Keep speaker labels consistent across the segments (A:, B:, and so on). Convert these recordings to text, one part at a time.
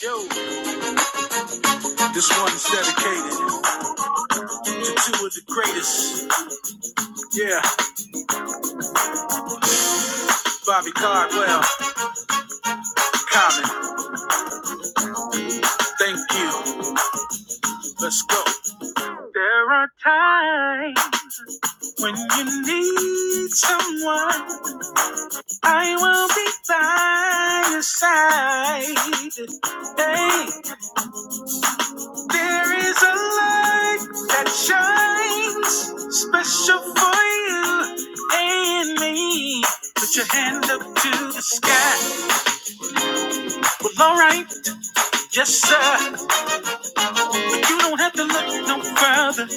A: Yo, this one's dedicated to two of the greatest. Yeah, Bobby Caldwell, Common. Thank you. Let's go. There are times when you need someone. I will be by your side. Hey, there is a light that shines special for you and me. Put your hand up to the sky. Well, alright. Yes, sir. You don't have to look no further.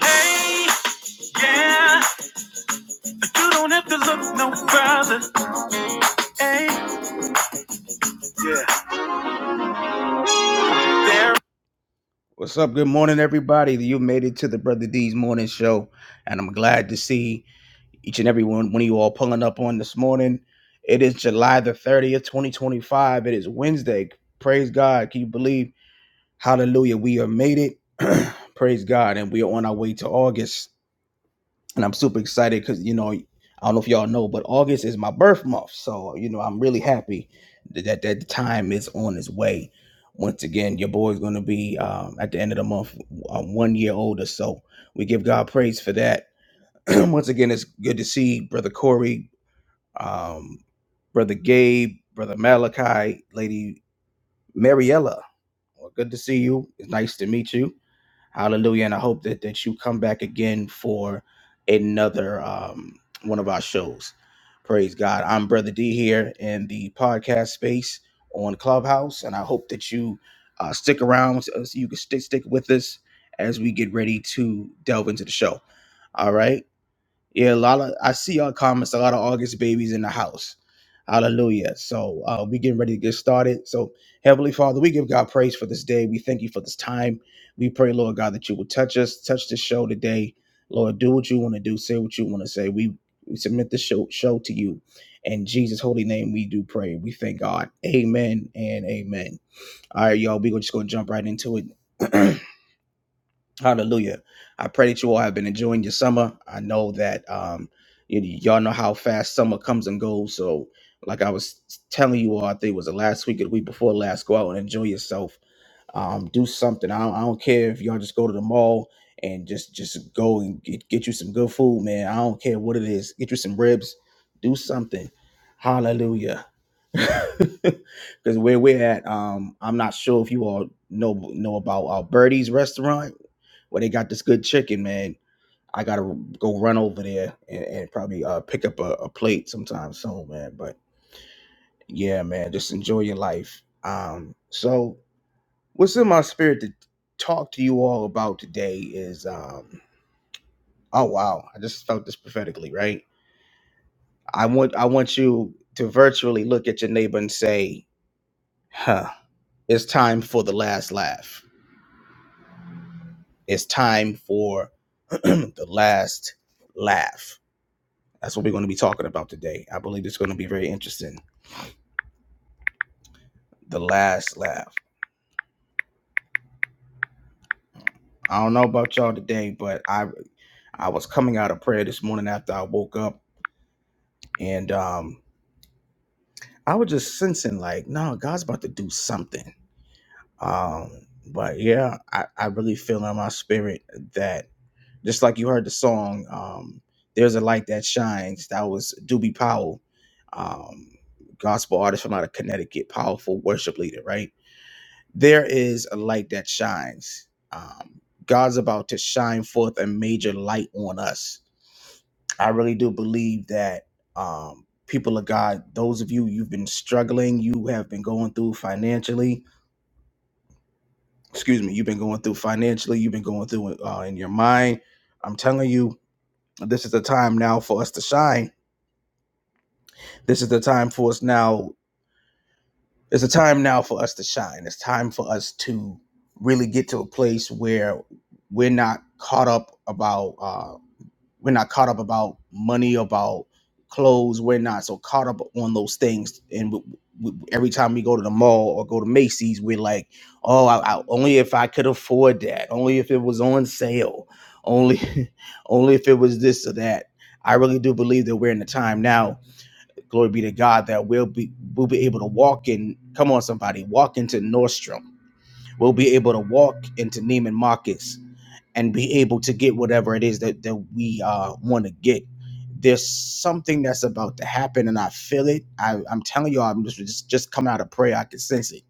A: Hey, yeah. You don't have to look no further. Hey, yeah. There. What's up? Good morning, everybody. You made it to the Brother D's morning show, and I'm glad to see each and every one one of you all pulling up on this morning. It is July the 30th, 2025. It is Wednesday. Praise God. Can you believe? Hallelujah. We have made it. Praise God. And we are on our way to August. and I'm super excited because you know I don't know if y'all know, but August is my birth month, so you know I'm really happy that that, that the time is on its way. Once again, your boy's going to be um, at the end of the month uh, one year older, so we give God praise for that. Once again, it's good to see brother Corey, um, brother Gabe, brother Malachi, lady Mariella. Well, good to see you. It's nice to meet you Hallelujah. And I hope that, that you come back again for another um, one of our shows. Praise God. I'm Brother D here in the podcast space on Clubhouse. And I hope that you uh, stick around so so you can stick, stick with us as we get ready to delve into the show. All right. Yeah, a lot of I see our comments, a lot of August babies in the house. Hallelujah. So uh, we getting ready to get started. So Heavenly Father, we give God praise for this day. We thank you for this time. We pray, Lord God, that you will touch us, touch the show today. Lord, do what you want to do, say what you want to say. We, we submit the show, show to you. In Jesus' holy name, we do pray. We thank God. Amen and amen. All right, y'all, we're just going to jump right into it. Hallelujah. I pray that you all have been enjoying your summer. I know that um y- y'all know how fast summer comes and goes. So like I was telling you all, I think it was the last week or the week before last, go out and enjoy yourself um, do something. I don't, I don't care if y'all just go to the mall and just just go and get, get you some good food, man. I don't care what it is. Get you some ribs. Do something. Hallelujah. Because where we're at, um, I'm not sure if you all know know about uh, Birdie's restaurant where they got this good chicken, man. I gotta go run over there and, and probably uh, pick up a, a plate sometime soon, man. But yeah, man, just enjoy your life. Um, so What's in my spirit to talk to you all about today is um oh wow, I just felt this prophetically, right? I want I want you to virtually look at your neighbor and say, "Huh, it's time for the last laugh. It's time for the last laugh." That's what we're going to be talking about today. I believe it's going to be very interesting. The last laugh. I don't know about y'all today, but I I was coming out of prayer this morning after I woke up and um I was just sensing like, no, God's about to do something. Um, but yeah, I, I really feel in my spirit that just like you heard the song, um, There's a Light That Shines, that was Doobie Powell, um, gospel artist from out of Connecticut, powerful worship leader, right? There is a light that shines. Um, God's about to shine forth a major light on us I really do believe that um, people of God, those of you you've been struggling, you have been going through financially. Excuse me, you've been going through financially. You've been going through uh, in your mind. I'm telling you, this is the time now for us to shine. This is the time for us now. It's a time now for us to shine. It's time for us to really get to a place where we're not caught up about. uh, We're not caught up about money, about clothes. We're not so caught up on those things. And w w every time we go to the mall or go to Macy's, we're like, oh, I, I, only if I could afford that. Only if it was on sale. Only, only if it was this or that. I really do believe that we're in the time now. Glory be to God that we'll be we'll be able to walk in. Come on, somebody, walk into Nordstrom. We'll be able to walk into Neiman Marcus and be able to get whatever it is that, that we uh, want to get. There's something that's about to happen, and I feel it. I, I'm telling y'all, I'm just, just just coming out of prayer. I can sense it.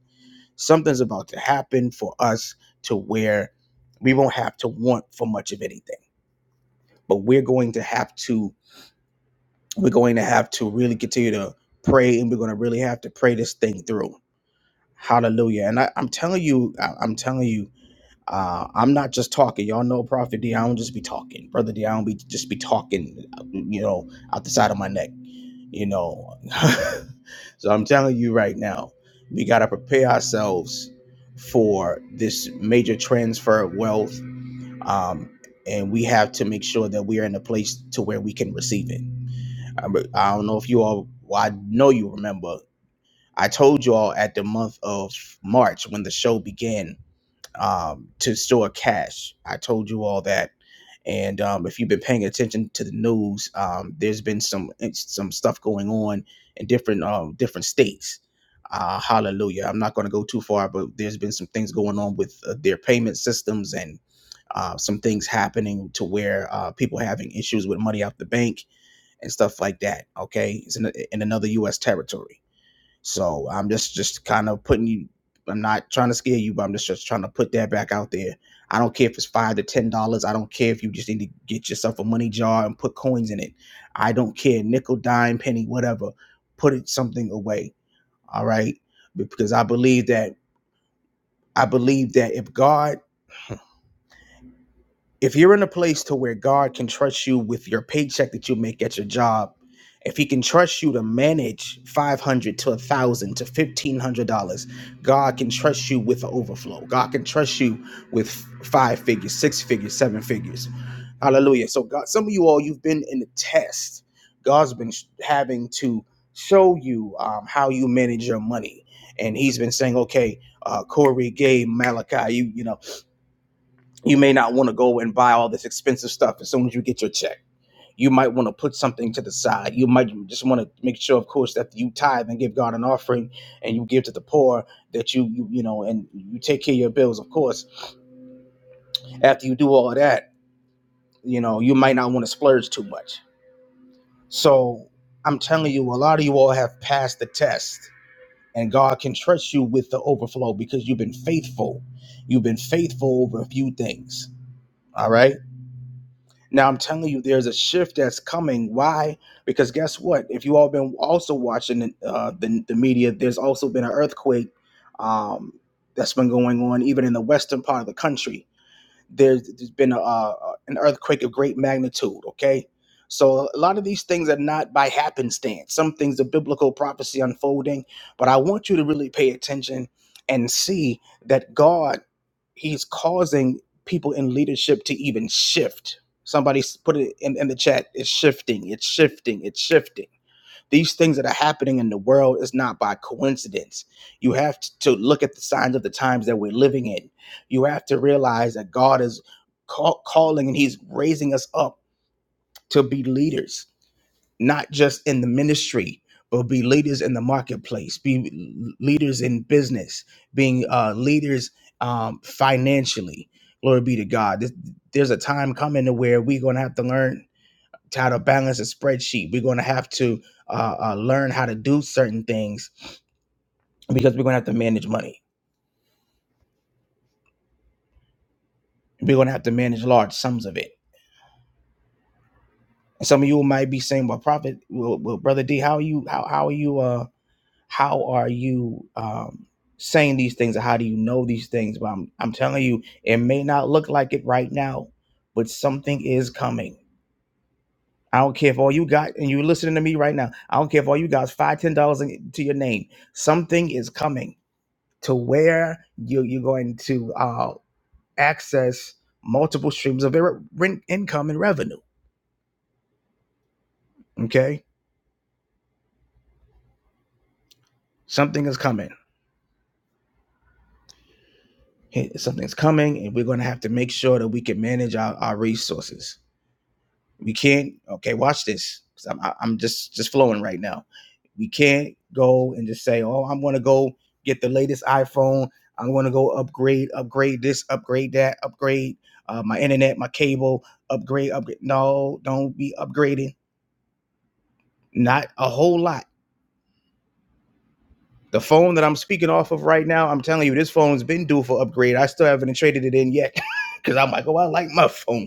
A: Something's about to happen for us to where we won't have to want for much of anything, but we're going to have to we're going to have to really continue to pray, and we're going to really have to pray this thing through. Hallelujah! And I, I'm telling you, I, I'm telling you, Uh, I'm not just talking. Y'all know Prophet D. I don't just be talking. Brother D. I don't be just be talking, you know, out the side of my neck, you know. so I'm telling you right now, we got to prepare ourselves for this major transfer of wealth. Um, and we have to make sure that we are in a place to where we can receive it. I, I don't know if you all, well, I know you remember. I told you all at the month of March when the show began um, to store cash. I told you all that. And um, if you've been paying attention to the news, um, there's been some eh, some stuff going on in different um, different states. Uh, hallelujah! I'm not going to go too far, but there's been some things going on with uh, their payment systems and uh, some things happening to where uh, people having issues with money out the bank and stuff like that. Okay, it's in, in another U.S. territory so I'm just just kind of putting you. I'm not trying to scare you, but I'm just just trying to put that back out there. I don't care if it's five to ten dollars. I don't care if you just need to get yourself a money jar and put coins in it. I don't care nickel, dime, penny, whatever. Put it something away. All right, because I believe that I believe that if God if you're in a place to where God can trust you with your paycheck that you make at your job, if he can trust you to manage 500 to 1000 to $1500, God can trust you with the overflow. God can trust you with five figures, six figures, seven figures. Hallelujah. So God some of you all you've been in the test. God's been sh- having to show you um, how you manage your money. And he's been saying, okay, uh, Corey, Gabe, Malachi, you, you know." you may not want to go and buy all this expensive stuff as soon as you get your check. You might want to put something to the side. You might just want to make sure, of course, that you tithe and give God an offering and you give to the poor, that you, you, you know, and you take care of your bills, of course. After you do all of that, you know, you might not want to splurge too much. So I'm telling you, a lot of you all have passed the test and God can trust you with the overflow because you've been faithful. You've been faithful over a few things. All right. Now I'm telling you, there's a shift that's coming. Why? Because guess what? If you all been also watching uh, the the media, there's also been an earthquake um, that's been going on, even in the western part of the country. There's, there's been a, uh, an earthquake of great magnitude. Okay, so a lot of these things are not by happenstance. Some things are biblical prophecy unfolding, but I want you to really pay attention and see that God he's causing people in leadership to even shift. Somebody put it in, in the chat. It's shifting. It's shifting. It's shifting. These things that are happening in the world is not by coincidence. You have t- to look at the signs of the times that we're living in. You have to realize that God is call, calling and He's raising us up to be leaders not just in the ministry, but be leaders in the marketplace, be leaders in business, being uh, leaders um, financially. Glory be to God. This- There's a time coming to where we're going to have to learn how to balance a spreadsheet. We're going to have to uh, uh, learn how to do certain things because we're going to have to manage money. We're going to have to manage large sums of it. Some of you might be saying, "Well, prophet, well, well brother D, how are you? How, how are you? Uh, how are you um, saying these things or how do you know these things but I'm, I'm telling you it may not look like it right now but something is coming i don't care if all you got and you're listening to me right now i don't care if all you got is five ten dollars in- to your name something is coming to where you, you're going to uh, access multiple streams of ir- ren- income and revenue okay something is coming Hey, something's coming and we're going to have to make sure that we can manage our, our resources We can't. Okay, watch this because I'm I- am i am just just flowing right now. We can't go and just say, oh, I'm gonna go get the latest iPhone. I'm gonna go upgrade, upgrade this, upgrade that, upgrade uh, my internet, my cable, upgrade, upgrade. No, don't be upgrading. Not a whole lot. The phone that I'm speaking off of right now, I'm telling you, this phone's been due for upgrade. I still haven't traded it in yet because I'm like, oh, I like my phone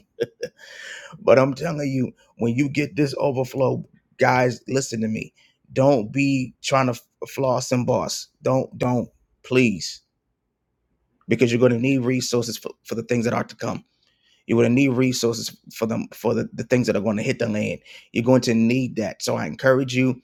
A: But I'm telling you, when you get this overflow, guys, listen to me. Don't be trying to f- floss and boss. Don't, don't, please, because you're going to need resources for, for the things that are to come. You're going to need resources for them for the, the things that are going to hit the land. You're going to need that. So I encourage you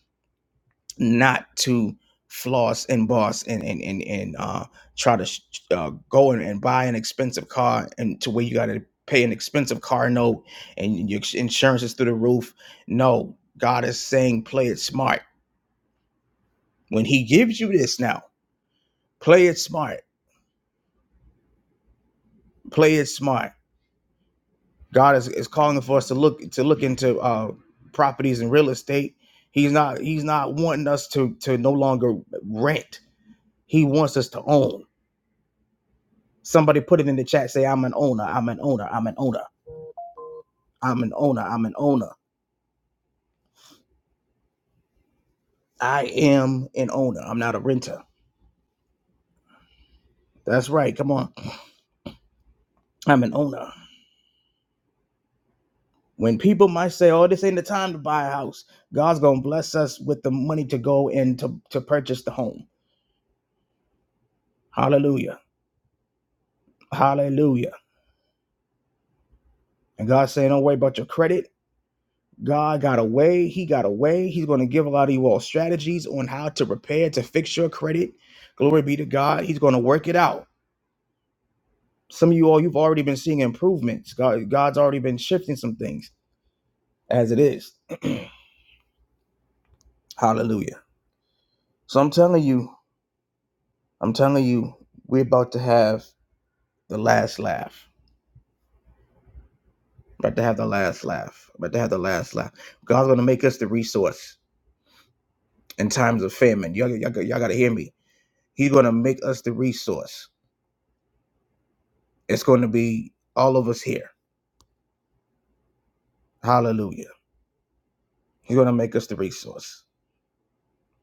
A: not to floss and boss and and and, and uh, try to sh- uh, go and, and buy an expensive car and to where you got to pay an expensive car note and your insurance is through the roof. No, God is saying play it smart. When He gives you this now, play it smart. Play it smart. God is, is calling for us to look to look into uh, properties and real estate. He's not He's not wanting us to to no longer rent. He wants us to own. Somebody put it in the chat. Say, I'm an owner. I'm an owner. I'm an owner. I'm an owner. I'm an owner. I am an owner. I'm not a renter. That's right. Come on. I'm an owner. When people might say, oh, this ain't the time to buy a house, God's going to bless us with the money to go and to, to purchase the home. Hallelujah. Hallelujah. And God's saying, don't worry about your credit. God got a way. He got a way. He's going to give a lot of you all strategies on how to repair, to fix your credit. Glory be to God. He's going to work it out. Some of you all, you've already been seeing improvements. God, God's already been shifting some things as it is. Hallelujah. So I'm telling you, I'm telling you, we're about to have the last laugh. About to have the last laugh. About to have the last laugh. God's gonna make us the resource in times of famine. Y'all, y'all, y'all gotta hear me. He's gonna make us the resource. It's gonna be all of us here. Hallelujah. He's gonna make us the resource.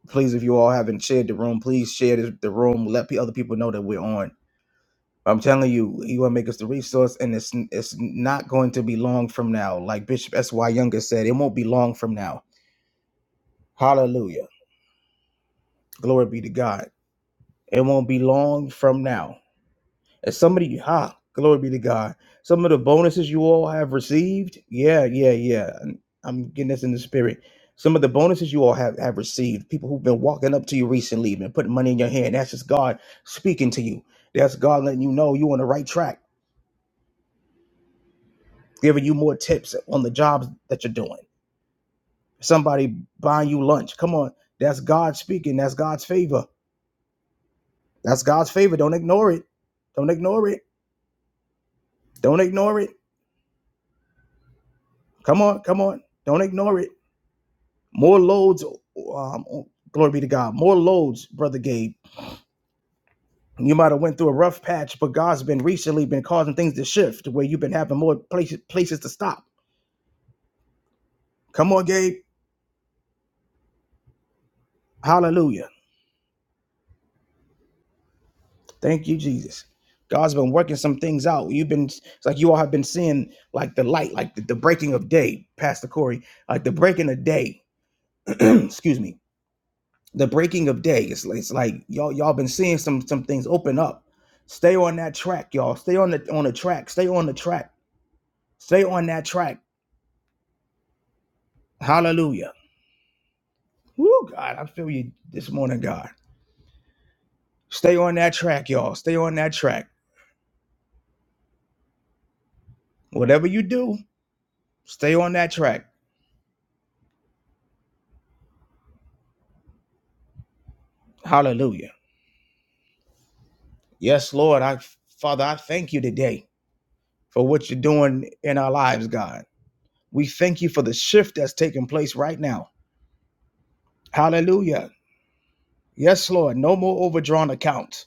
A: Please, if you all haven't shared the room, please share this, the room. Let pe- other people know that we're on. I'm telling you, he will make us the resource, and it's it's not going to be long from now. Like Bishop S. Y. Younger said, it won't be long from now. Hallelujah. Glory be to God. It won't be long from now. And somebody, ha, glory be to God. Some of the bonuses you all have received, yeah, yeah, yeah. I'm getting this in the spirit. Some of the bonuses you all have, have received, people who've been walking up to you recently, been putting money in your hand, that's just God speaking to you. That's God letting you know you're on the right track giving you more tips on the jobs that you're doing. Somebody buying you lunch. Come on, that's God speaking. That's God's favor. That's God's favor. Don't ignore it. Don't ignore it. Don't ignore it. Come on, come on. Don't ignore it. More loads. Um, oh, glory be to God. More loads, brother Gabe. You might have went through a rough patch, but God's been recently been causing things to shift where you've been having more places places to stop. Come on, Gabe. Hallelujah. Thank you, Jesus. God's been working some things out. You've been, it's like you all have been seeing like the light, like the, the breaking of day, Pastor Corey, like the breaking of day. Excuse me. The breaking of day. It's, it's like y'all, y'all been seeing some some things open up. Stay on that track, y'all. Stay on the on the track. Stay on the track. Stay on that track. Hallelujah. Woo, God, I feel you this morning, God. Stay on that track, y'all. Stay on that track. Whatever you do, stay on that track. Hallelujah. Yes, Lord. I Father, I thank you today for what you're doing in our lives, God. We thank you for the shift that's taking place right now. Hallelujah. Yes, Lord. No more overdrawn accounts.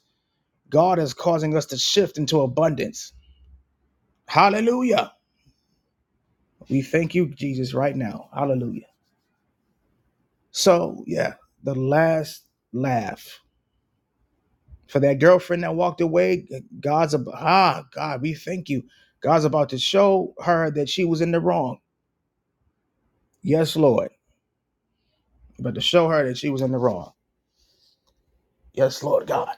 A: God is causing us to shift into abundance. Hallelujah. We thank you, Jesus, right now. Hallelujah. So, yeah, the last laugh for that girlfriend that walked away. God's ab- ah, God, we thank you. God's about to show her that she was in the wrong. Yes, Lord. but to show her that she was in the wrong. Yes, Lord God.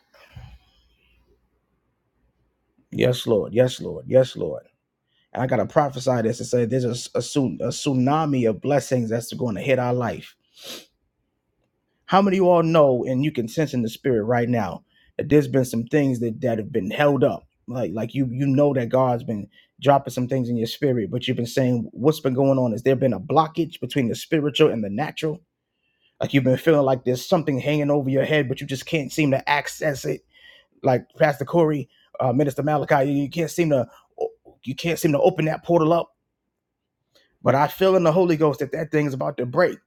A: Yes, Lord. Yes, Lord. Yes, Lord. And I gotta prophesy this and say there's a tsu- a tsunami of blessings that's going to hit our life. How many of you all know and you can sense in the spirit right now that there's been some things that, that have been held up? Like like you you know that God's been dropping some things in your spirit, but you've been saying what's been going on? Is there been a blockage between the spiritual and the natural? Like you've been feeling like there's something hanging over your head, but you just can't seem to access it like Pastor Corey, uh, Minister Malachi, you, can't seem to you can't seem to open that portal up. But I feel in the Holy Ghost that that thing is about to break.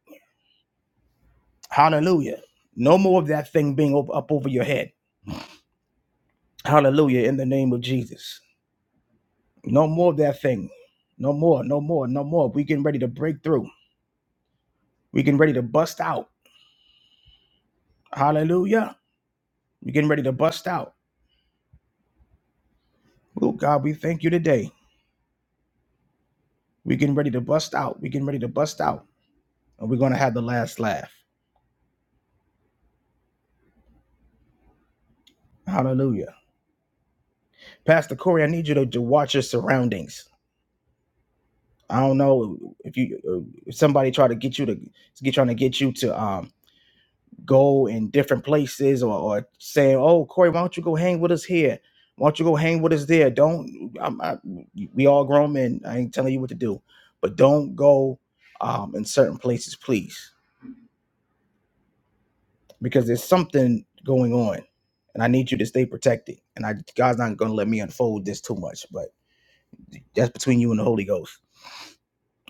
A: Hallelujah! No more of that thing being up, up over your head. Hallelujah! In the name of Jesus, no more of that thing. No more. No more. No more. We getting ready to break through. We getting ready to bust out. Hallelujah! We getting ready to bust out. Oh God, we thank you today. We getting ready to bust out. We getting ready to bust out, and we're gonna have the last laugh. Hallelujah. Pastor Corey, I need you to, to watch your surroundings. I don't know if you uh, if somebody try to get you to get trying to get you to um go in different places or, or saying, "Oh, Corey, why don't you go hang with us here? Why don't you go hang with us there?" Don't I'm, I, we all grown men? I ain't telling you what to do, but don't go um in certain places, please, because there's something going on, and I need you to stay protected. And I God's not gonna let me unfold this too much, but that's between you and the Holy Ghost.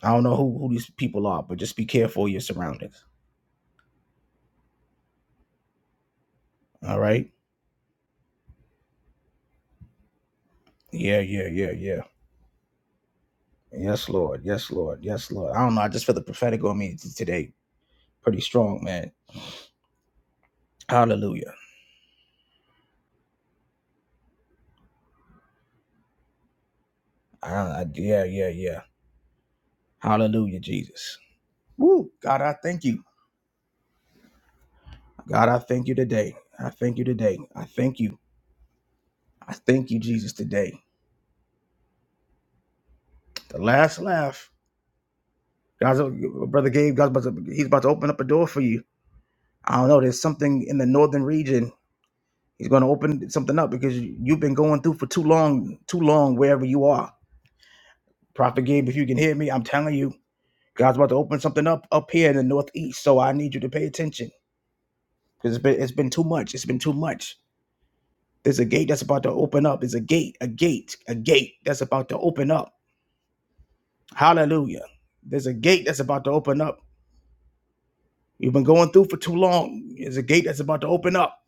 A: I don't know who, who these people are, but just be careful of your surroundings. All right. Yeah, yeah, yeah, yeah. Yes, Lord. Yes, Lord. Yes, Lord. I don't know. I just feel the prophetic on me t- today. Pretty strong, man. Hallelujah. I, I, yeah, yeah, yeah. Hallelujah, Jesus. Woo. God, I thank you. God, I thank you today. I thank you today. I thank you. I thank you, Jesus, today. The last laugh. God's, brother Gabe, God's about to, he's about to open up a door for you. I don't know. There's something in the northern region He's going to open something up because you- you've been going through for too long, too long wherever you are. Prophet Gabe, if you can hear me, I'm telling you, God's about to open something up up here in the Northeast. So I need you to pay attention because it's been it's been too much. It's been too much. There's a gate that's about to open up. There's a gate, a gate, a gate that's about to open up. Hallelujah. There's a gate that's about to open up. You've been going through for too long. There's a gate that's about to open up.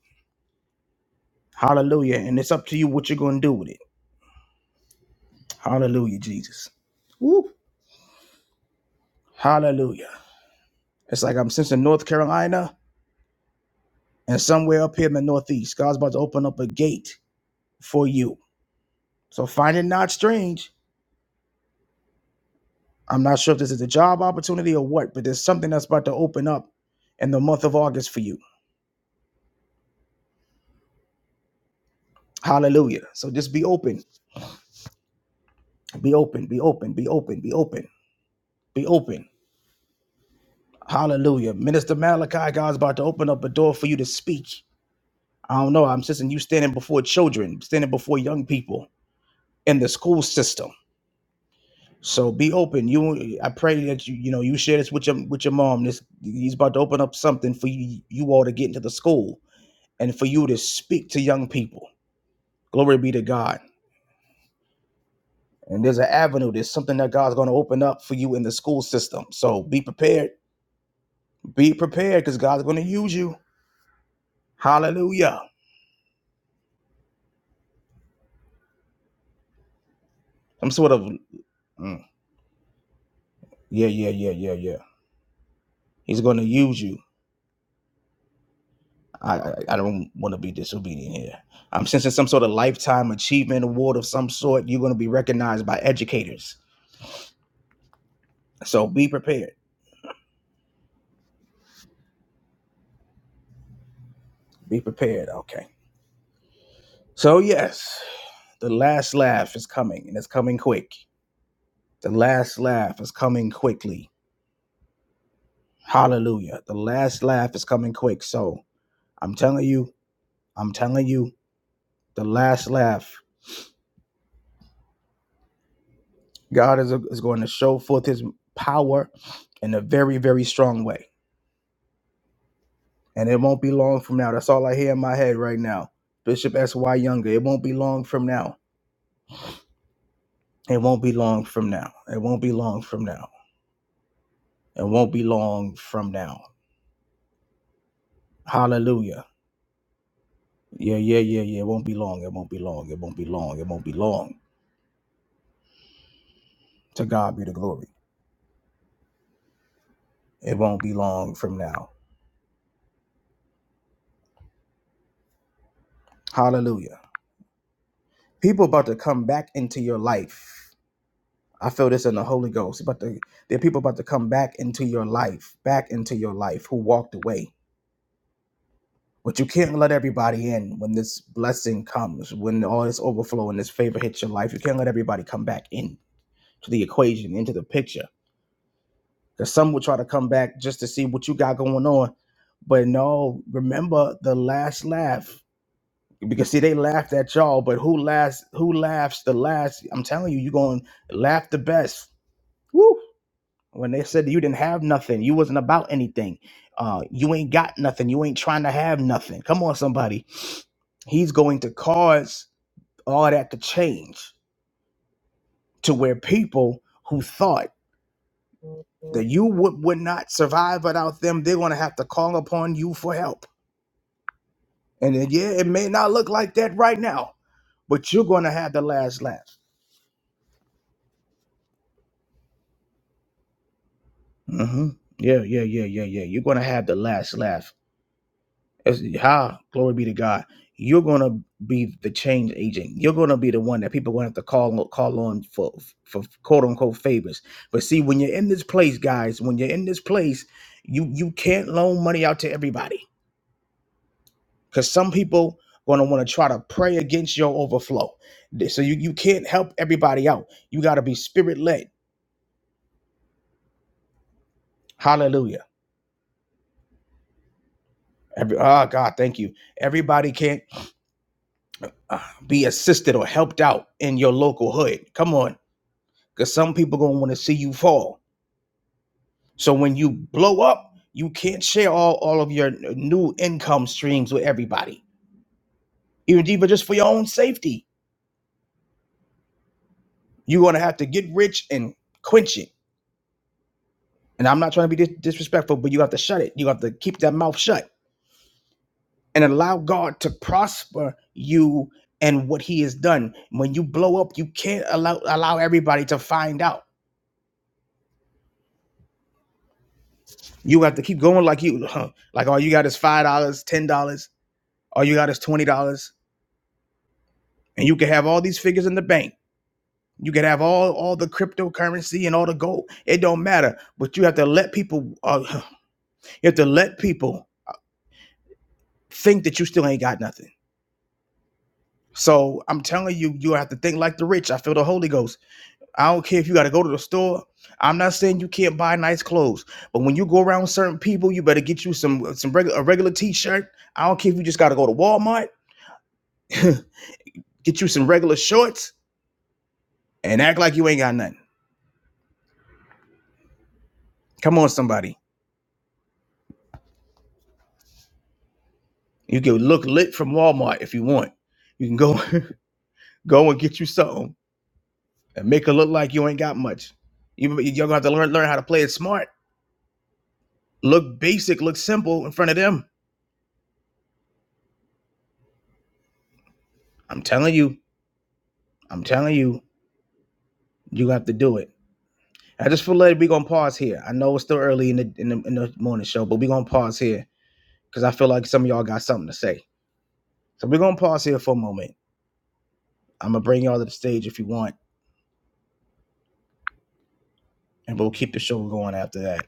A: Hallelujah. And it's up to you what you're going to do with it. Hallelujah, Jesus. Woo. Hallelujah. It's like I'm sensing North Carolina and somewhere up here in the Northeast, God's about to open up a gate for you. So find it not strange. I'm not sure if this is a job opportunity or what, but there's something that's about to open up in the month of August for you. Hallelujah. So just be open, be open, be open, be open, be open, be open. Hallelujah. Minister Malachi, God's about to open up a door for you to speak. I don't know. I'm sensing you standing before children, standing before young people in the school system. So be open. You, I pray that you, you know, you share this with your with your mom. This he's about to open up something for you, you all to get into the school and for you to speak to young people. Glory be to God. And there's an avenue. There's something that God's going to open up for you in the school system. So be prepared. Be prepared because God's going to use you. Hallelujah. Some sort of mm, yeah, yeah, yeah, yeah, yeah. He's going to use you. I, I I don't want to be disobedient here. I'm sensing some sort of lifetime achievement award of some sort. You're going to be recognized by educators. So be prepared. Be prepared. Okay. So, yes, the last laugh is coming and it's coming quick. The last laugh is coming quickly. Hallelujah. The last laugh is coming quick. So, I'm telling you, I'm telling you, the last laugh, God is, is going to show forth his power in a very, very strong way and it won't be long from now. That's all I hear in my head right now. Bishop S. Y. Younger. It won't be long from now. It won't be long from now. It won't be long from now. It won't be long from now. Hallelujah. Yeah, yeah, yeah, yeah. It won't be long. It won't be long. It won't be long. It won't be long. To God be the glory. It won't be long from now. Hallelujah. People about to come back into your life. I feel this in the Holy Ghost. But the, there are people about to come back into your life, back into your life who walked away But you can't let everybody in when this blessing comes, when all this overflow and this favor hits your life. You can't let everybody come back in to the equation, into the picture. Because some will try to come back just to see what you got going on. But no, remember the last laugh. Because see, they laughed at y'all, but who laughs who laughs the last? I'm telling you, you're gonna laugh the best. Woo! When they said that you didn't have nothing, you wasn't about anything. Uh, you ain't got nothing, you ain't trying to have nothing. Come on, somebody He's going to cause all that to change to where people who thought that you would, would not survive without them, they're going to have to call upon you for help. And then, yeah, it may not look like that right now, but you're going to have the last laugh. hmm Yeah, yeah, yeah, yeah, yeah. You're going to have the last laugh As how glory be to God. You're gonna be the change agent. You're gonna be the one that people are gonna have to call call on for for quote unquote favors. But see, when you're in this place, guys, when you're in this place, you you can't loan money out to everybody because some people gonna want to try to pray against your overflow. So you you can't help everybody out. You gotta be spirit led. Hallelujah. Every, oh God, thank you. Everybody can't uh, be assisted or helped out in your local hood. Come on because some people gonna want to see you fall. So when you blow up, you can't share all, all of your new income streams with everybody. Even deeper, just for your own safety, you're gonna have to get rich and quench it. And I'm not trying to be dis- disrespectful, but you have to shut it. You have to keep that mouth shut and allow God to prosper you and what He has done. When you blow up, you can't allow allow everybody to find out. You have to keep going like you, huh, like all you got is five dollars, ten dollars. All you got is twenty dollars and you can have all these figures in the bank you can have all all the cryptocurrency and all the gold it don't matter but you have to let people uh, you have to let people think that you still ain't got nothing so i'm telling you you have to think like the rich i feel the holy ghost i don't care if you got to go to the store i'm not saying you can't buy nice clothes but when you go around certain people you better get you some some regular a regular t-shirt i don't care if you just got to go to walmart get you some regular shorts and act like you ain't got nothing come on somebody You can look lit from Walmart if you want. You can go go and get you something and make it look like you ain't got much. You you're gonna have to learn learn how to play it smart. Look basic, look simple in front of them. I'm telling you, I'm telling you, you have to do it. I just feel like we're gonna pause here. I know it's still early in the in the, in the morning show, but we're gonna pause here because I feel like some of y'all got something to say. So we're gonna pause here for a moment. I'm gonna bring y'all to the stage if you want, and we'll keep the show going after that.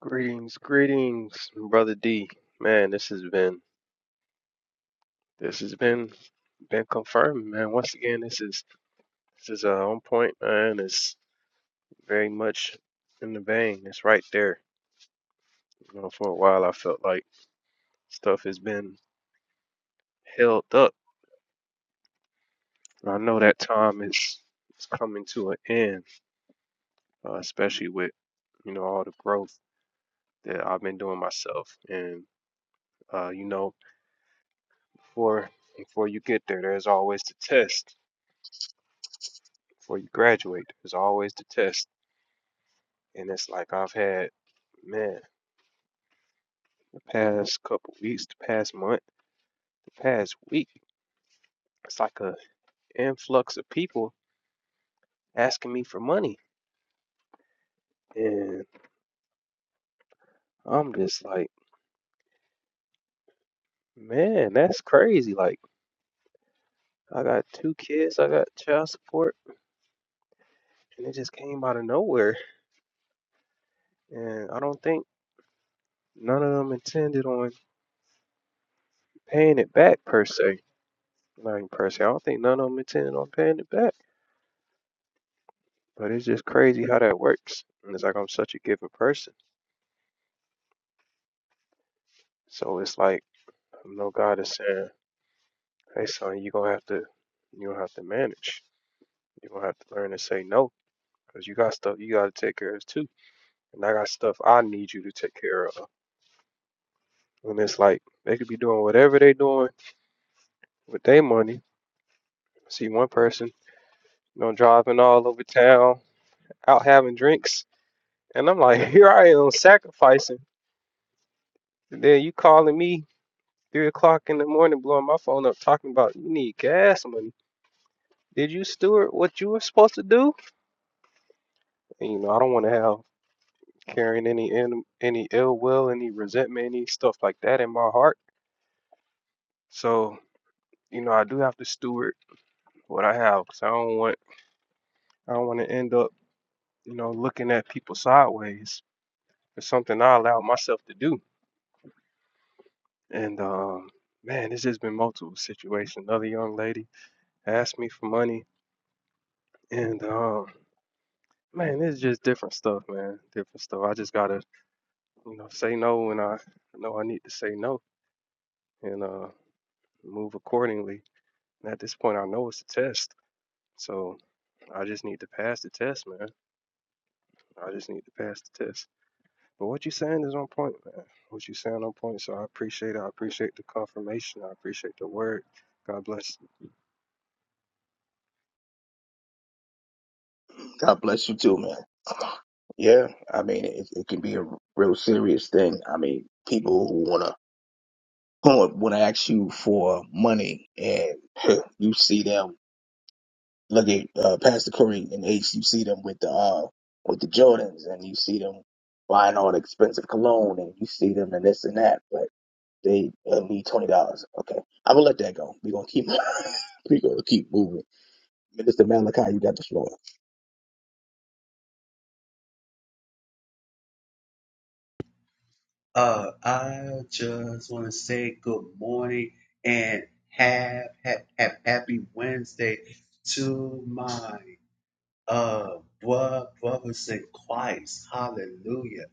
B: Greetings, greetings, brother D. Man, this has been this has been been confirmed, man. Once again, this is this is uh, on point, man. It's very much in the vein. It's right there. You know, for a while, I felt like stuff has been held up. And I know that time is is coming to an end, uh, especially with you know all the growth that I've been doing myself. And uh, you know, before before you get there, there's always the test. before you graduate. There's always the test. And it's like I've had, man, the past couple weeks, the past month, the past week, it's like a influx of people asking me for money. And I'm just like, man, that's crazy. Like I got two kids, I got child support, and it just came out of nowhere. And I don't think none of them intended on paying it back per se. Like per se, I don't think none of them intended on paying it back. But it's just crazy how that works. And it's like I'm such a giver person. So it's like I know God is saying, Hey son, you're gonna have to you're gonna have to manage. You're gonna have to learn to say no. Cause you got stuff you gotta take care of too. And I got stuff I need you to take care of. And it's like they could be doing whatever they doing with their money. I see one person, you know, driving all over town, out having drinks. And I'm like, here I am sacrificing. And then you calling me three o'clock in the morning blowing my phone up talking about you need gas money. Did you steward what you were supposed to do? And, you know, I don't want to have carrying any in- any ill will, any resentment, any stuff like that in my heart. So you know, I do have to steward what I have because I don't want I don't want to end up you know looking at people sideways. It's something I allowed myself to do. And um, man, it's just been multiple situations. Another young lady asked me for money, and um, Man, it's just different stuff, man. Different stuff. I just gotta, you know, say no when I know I need to say no and uh move accordingly. And at this point I know it's a test. So I just need to pass the test, man. I just need to pass the test. But what you saying is on point, man. What you saying on point. So I appreciate it. I appreciate the confirmation. I appreciate the word. God bless.
A: God bless you too, man. Yeah, I mean, it, it can be a real serious thing. I mean, people who wanna who wanna ask you for money, and you see them look at uh, Pastor Curry and H. You see them with the uh with the Jordans, and you see them buying all the expensive cologne, and you see them and this and that. But they uh, need twenty dollars. Okay, I'm gonna let that go. We gonna keep we gonna keep moving. Minister Malachi, you got the floor.
C: Uh, I just want to say good morning and have, have, have happy Wednesday to my uh, what what in Christ? Hallelujah.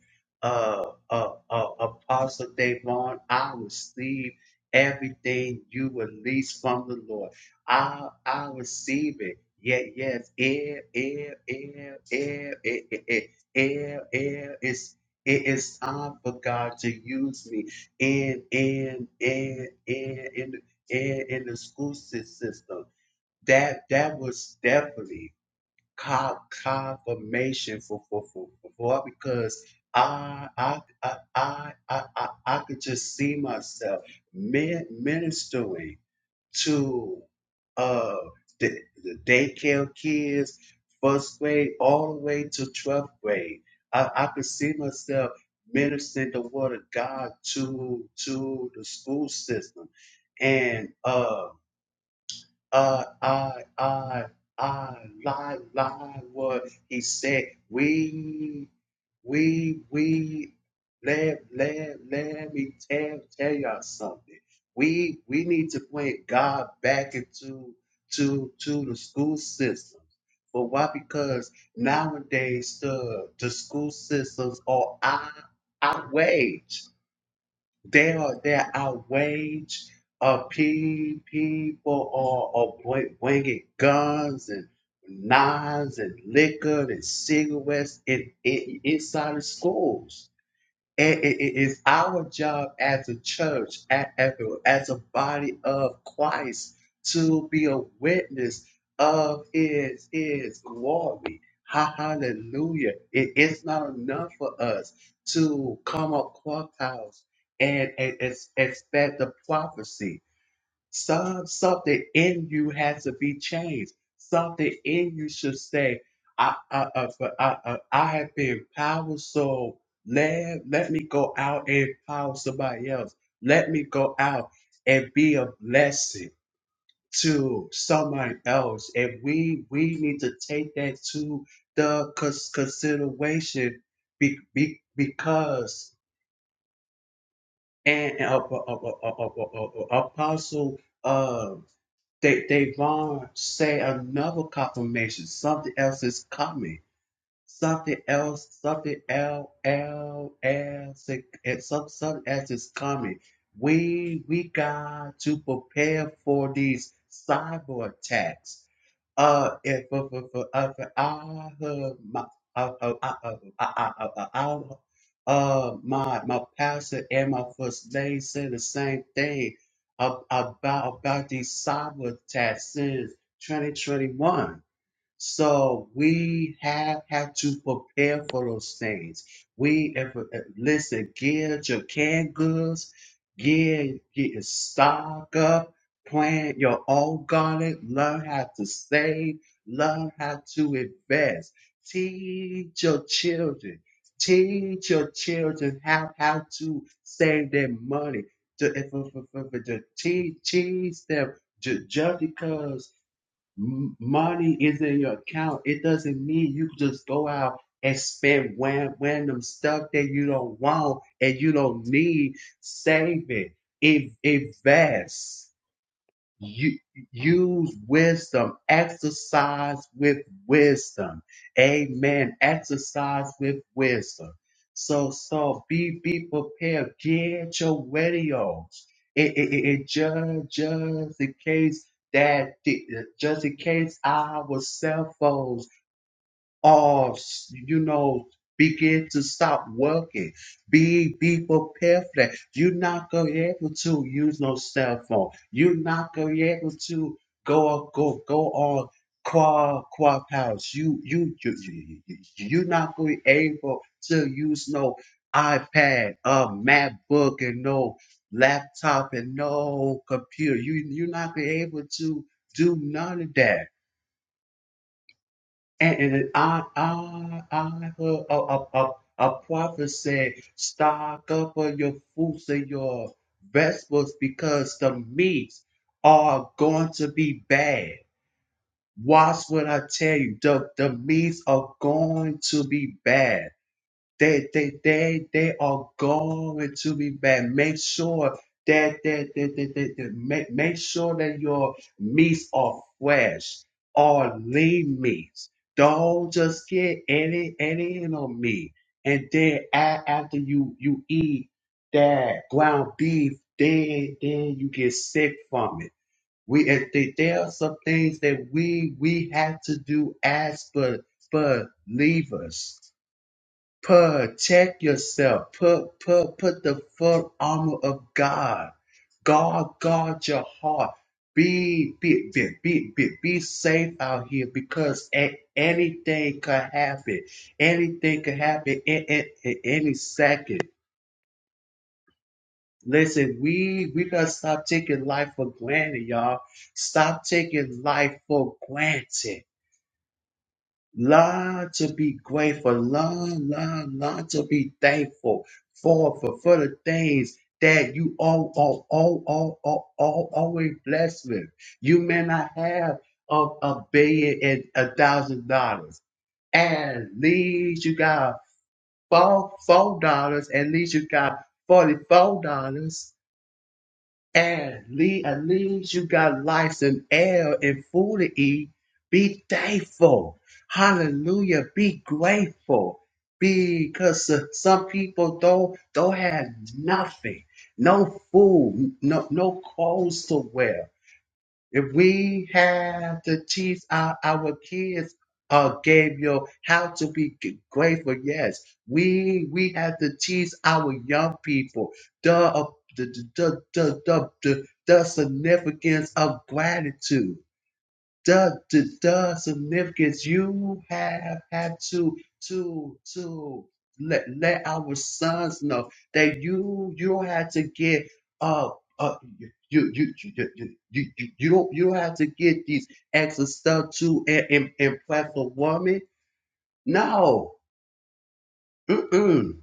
C: Uh, uh, uh, Apostle Davon, I receive everything you release from the Lord. I I receive it. Yeah, yes, air, air, air, air, air, air, air, air. It's it is time for God to use me in in in in in in, in the school sys- system. That that was definitely co- confirmation for for for for for- because I I I I I I I could just see myself min- ministering to uh the, the daycare kids, first grade all the way to twelfth grade. I, I could see myself ministering the word of God to to the school system, and uh uh, I, I, I, lie, lie, what he said. We, we, we, let, let, let me tell, tell y'all something. We, we need to bring God back into, to, to the school system. But why? Because nowadays the, the school systems are out, outraged they are there. are outraged. of pe- people are, are bring- bringing guns and knives and liquor and cigarettes in, in, inside of schools. And it it is our job as a church, a- as a as a body of Christ, to be a witness of His His glory. Ha- Hallelujah! It- it's not enough for us to come up clubhouse and, and ex- expect the prophecy. Some something in you has to be changed. Something in you should say, I I I, I, I, I have been powerful, so let, let me go out and empower somebody else. Let me go out and be a blessing to somebody else. And we we need to take that to the cons- consideration be, be, because and uh, uh, uh, uh, uh, uh, uh, uh, apostle um, they they want say another confirmation. Something else is coming something else, something L L else, and some something else is coming. We we got to prepare for these cyber attacks. Uh, if for for if if I heard my uh, uh, uh, uh, uh, uh, uh, uh, uh, uh, uh, uh, my my pastor and my first lady said the same thing ab- about about these cyber attacks since 2021. So we have, have to prepare for those things. We if, uh, listen, get your canned goods, get get your stock up, plant your own garden, learn how to save, learn how to invest. Teach your children. Teach your children how, how to save their money. To, if, if, if, if, to teach, teach them ju- just because M- money is in your account. It doesn't mean you can just go out and spend wan- random stuff that you don't want and you don't need. Save it. In- invest you use wisdom exercise with wisdom amen exercise with wisdom so so be be prepared get your radios it, it, it, it just just in case that the- just in case our cell phones or you know begin to stop working be be prepared for that you're not gonna be able to use no cell phone you're not gonna be able to go go go on quad quad powers you you you you- you- you're not gonna be able to use no ipad a macbook and no laptop and no computer you you're not gonna be able to do none of that and, and I, I, I heard a, a, a, a prophet say, stock up on your fruits and your vegetables because the meats are going to be bad. Watch what I tell you. The, the meats are going to be bad. They, they, they, they are going to be bad. Make sure that, that, that, that, that, that- make, make sure that your meats are fresh or lean meats. Don't just get any, any and on meat. And then a- after you, you eat that ground beef, then, then you get sick from it. We, and th- there are some things that we, we have to do as but believers. Protect yourself. Put put put the full armor of God. God guard your heart. Be be be be be, be safe out here because a- anything could happen. Anything could happen in, in, in any second. Listen, we we gotta stop taking life for granted, y'all. Stop taking life for granted. Learn to be grateful. Learn, learn, learn to be thankful for for, for the things that you all, all, all, all, all, all, always blessed with. You may not have a, a billion and a thousand dollars. At least you got four four dollars. At least you got forty four dollars air. Lead, at least you got life and air and food to eat. Be thankful. Hallelujah. Be grateful. Because uh, some people don't don't have nothing, no food, no no clothes to wear. If we have to teach our, our kids, uh, Gabriel, how to be g- grateful, yes, we we have to teach our young people the uh, the the the the, the, the significance of gratitude the the the significance you have had to to to let let our sons know that you you don't have to get uh uh you you you you you, you, you you don't you don't have to get these extra stuff to and and, and platform woman. No, Mm-mm.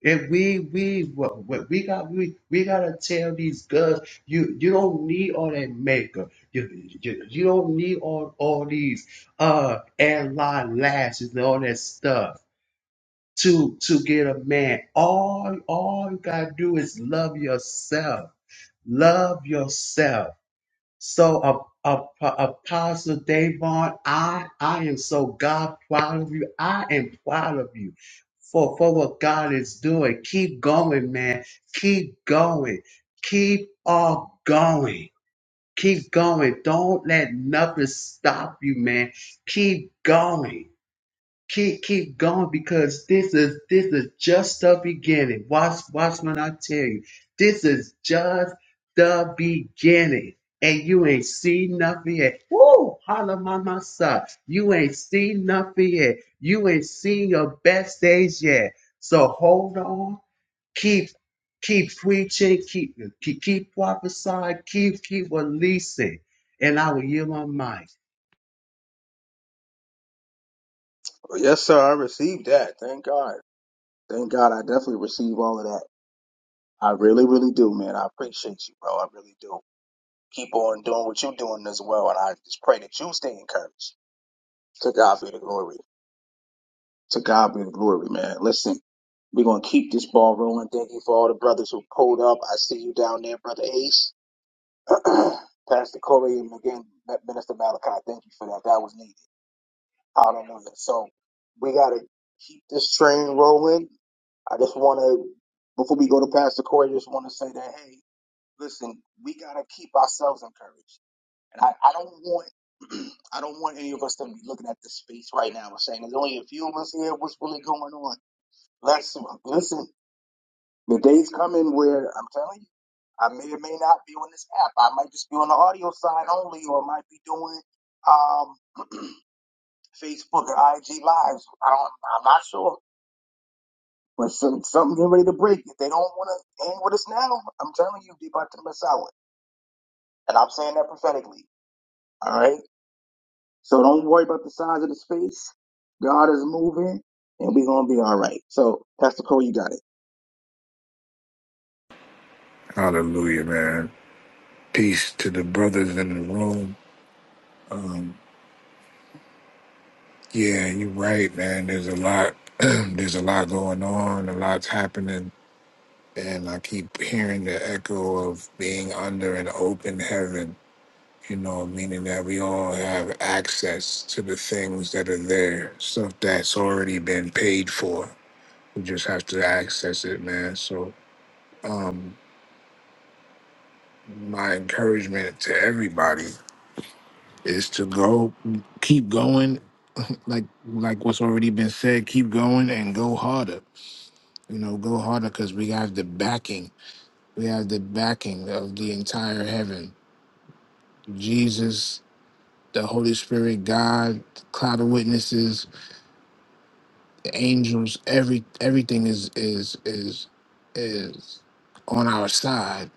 C: If we we what, what we got we we gotta tell these girls you you don't need all that makeup you you, you don't need all all these uh airline lashes and all that stuff to to get a man all all you gotta do is love yourself love yourself so, uh, uh, uh, Apostle Davon, I, I am so God proud of you. I am proud of you for, for what God is doing. Keep going, man. Keep going. Keep on going. Keep going. Don't let nothing stop you, man. Keep going keep keep going because this is this is just the beginning. Watch watch when I tell you, this is just the beginning. And you ain't seen nothing yet. Woo! Holla mama, son. You ain't seen nothing yet. You ain't seen your best days yet. So hold on. Keep keep preaching. Keep keep, keep prophesying. Keep keep releasing. And I will yield my mind.
A: Yes, sir. I received that. Thank God. Thank God. I definitely received all of that. I really, really do, man. I appreciate you, bro. I really do. Keep on doing what you're doing as well, and I just pray that you stay encouraged. To God be the glory. To God be the glory, man. Listen, we're gonna keep this ball rolling. Thank you for all the brothers who pulled up. I see you down there, brother Ace, Pastor Corey, and again, Minister Malachi. Thank you for that. That was needed. Hallelujah. So we gotta keep this train rolling. I just wanna, before we go to Pastor Corey, just wanna say that hey. listen, we gotta keep ourselves encouraged. And I, I don't want I don't want any of us to be looking at this space right now and saying there's only a few of us here, what's really going on? Let's listen, the day's coming where I'm telling you, I may or may not be on this app. I might just be on the audio side only or I might be doing um Facebook or IG lives. I don't I'm not sure. But some something getting ready to break. If they don't wanna hang with us now, I'm telling you, they about to miss out. And I'm saying that prophetically. All right. So don't worry about the size of the space. God is moving and we're going to be all right. So, Pastor Cole, you got it.
D: Hallelujah, man. Peace to the brothers in the room. Yeah, you're right, man. There's a lot. there's a lot going on. A lot's happening, and I keep hearing the echo of being under an open heaven. You know, meaning that we all have access to the things that are there, stuff that's already been paid for. We just have to access it, man. So, um, my encouragement to everybody is to go, keep going like like what's already been said, keep going and go harder. You know, go harder because we have the backing. We have the backing of the entire heaven. Jesus, the Holy Spirit, God, the cloud of witnesses, the angels, every everything is is is is on our side.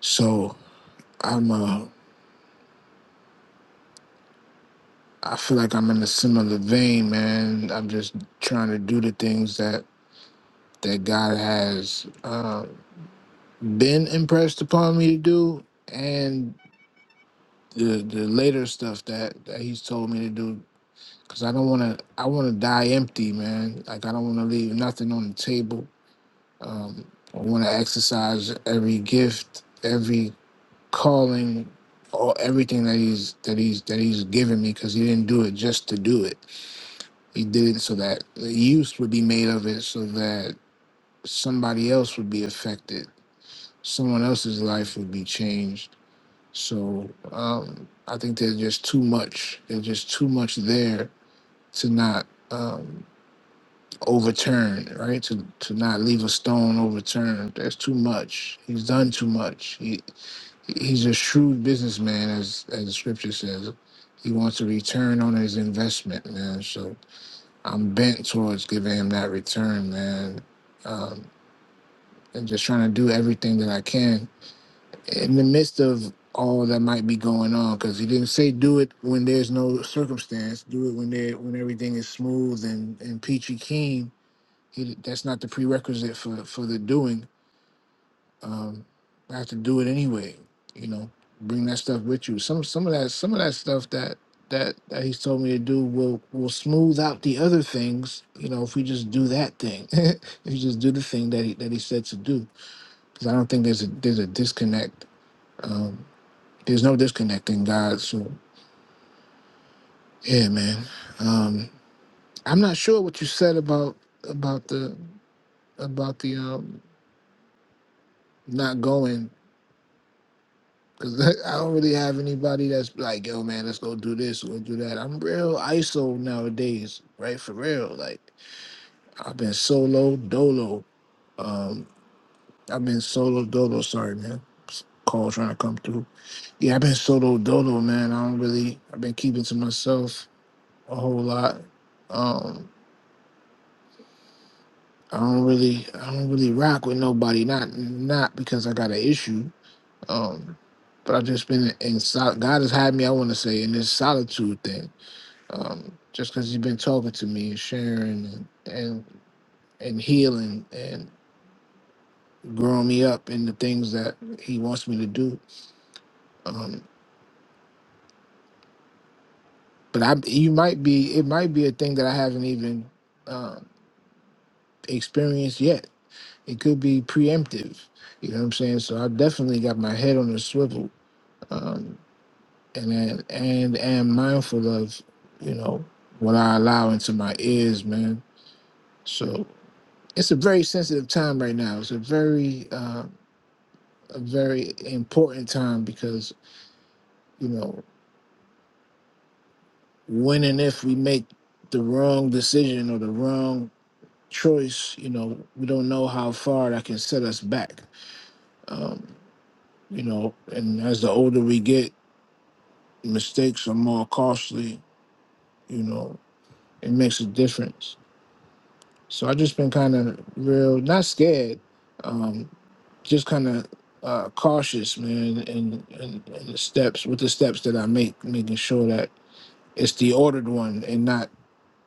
D: So I'm uh I feel like I'm in a similar vein, man. I'm just trying to do the things that that God has. uh, been impressed upon me to do and the the later stuff that, that he's told me to do because i don't want to i want to die empty man like i don't want to leave nothing on the table um, i want to exercise every gift every calling all everything that he's that he's that he's given me because he didn't do it just to do it he did it so that the use would be made of it so that somebody else would be affected someone else's life would be changed So um, I think there's just too much. There's just too much there to not um, overturn, right? To to not leave a stone overturned. There's too much. He's done too much. He he's a shrewd businessman, as as the scripture says. He wants a return on his investment, man. So I'm bent towards giving him that return, man, um, and just trying to do everything that I can in the midst of all that might be going on because he didn't say do it when there's no circumstance do it when there when everything is smooth and and peachy keen he, that's not the prerequisite for for the doing um i have to do it anyway you know bring that stuff with you some some of that some of that stuff that that that he's told me to do will will smooth out the other things you know if we just do that thing if you just do the thing that he that he said to do because i don't think there's a there's a disconnect um there's no disconnecting God. So yeah, man. Um, I'm not sure what you said about about the about the um not going because I don't really have anybody that's like, yo, man, let's go do this, go do that. I'm real ISO nowadays, right? For real. Like I've been solo dolo. Um, I've been solo dolo. Sorry, man. Call trying to come through. Yeah, I've been solo dolo, man. I don't really. I've been keeping to myself a whole lot. Um, I don't really I don't really rock with nobody. Not not because I got an issue. Um, but I've just been in sol- God has had me. I want to say in this solitude thing. Um, just because He's been talking to me and sharing and and and healing and growing me up in the things that He wants me to do. Um, but I you might be it might be a thing that I haven't even um, experienced yet. It could be preemptive. You know what I'm saying? So I definitely got my head on a swivel. Um, and and and and mindful of you know what I allow into my ears, man. So it's a very sensitive time right now. It's a very uh, a very important time because you know when and if we make the wrong decision or the wrong choice, you know we don't know how far that can set us back. Um, you know, and as the older we get, mistakes are more costly. You know, it makes a difference So I just been kind of real, not scared, um, just kind of uh, cautious, man, in, in, in the steps with the steps that I make, making sure that it's the ordered one and not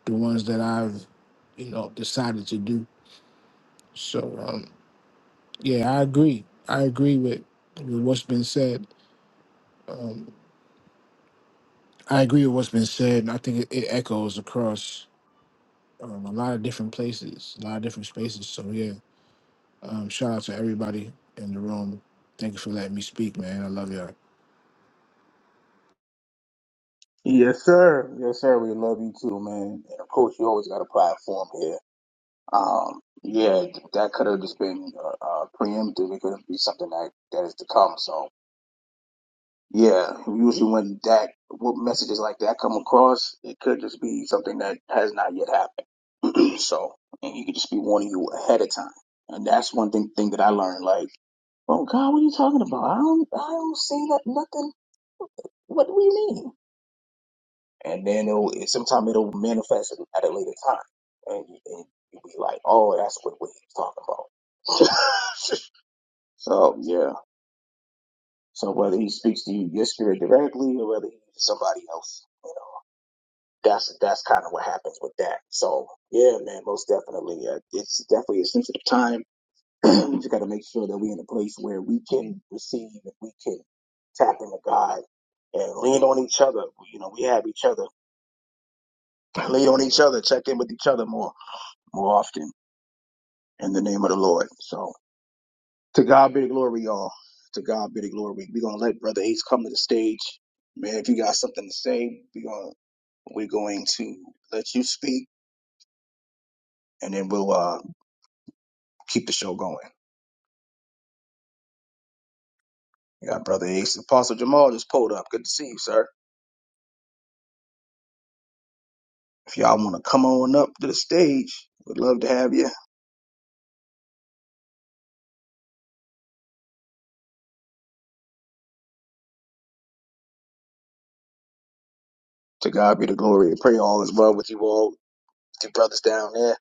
D: the ones that I've, you know, decided to do. So um, yeah, I agree. I agree with, with what's been said. Um, I agree with what's been said, and I think it, it echoes across um, a lot of different places, a lot of different spaces. So yeah, Um, shout out to everybody in the room. Thank you for letting me speak, man. I love y'all.
A: Yes, sir. Yes, sir. We love you too, man. And of course, you always got a platform here. Um, yeah, that could have just been uh, uh, preemptive. It could be something that that is to come. So, yeah, usually when that what messages like that come across, it could just be something that has not yet happened. So, and he could just be warning you ahead of time. And that's one thing thing that I learned. Like, oh God, what are you talking about? I don't, I don't see that nothing. What do you mean? And then it'll it, sometime it'll manifest at a later time, and, you- and you'll be like, oh, that's what what he's talking about. so yeah. So whether he speaks to you, your spirit directly, or whether he's somebody else, you know, that's that's kind of what happens with that. So yeah, man, most definitely, uh, it's definitely a sensitive time we just got to make sure that we're in a place where we can receive and we can tap into God and lean on each other. You know, we have each other. Lean on each other. Check in with each other more, more often in the name of the Lord. So to God be the glory, y'all. To God be the glory. We're going to let Brother Ace come to the stage. Man, if you got something to say, we're going to, we're going to let you speak and then we'll uh, keep the show going. We got Brother Ace. Apostle Jamal just pulled up. Good to see you, sir. If y'all want to come on up to the stage, we'd love to have you. To God be the glory and pray all is well with you all, with your brothers down there.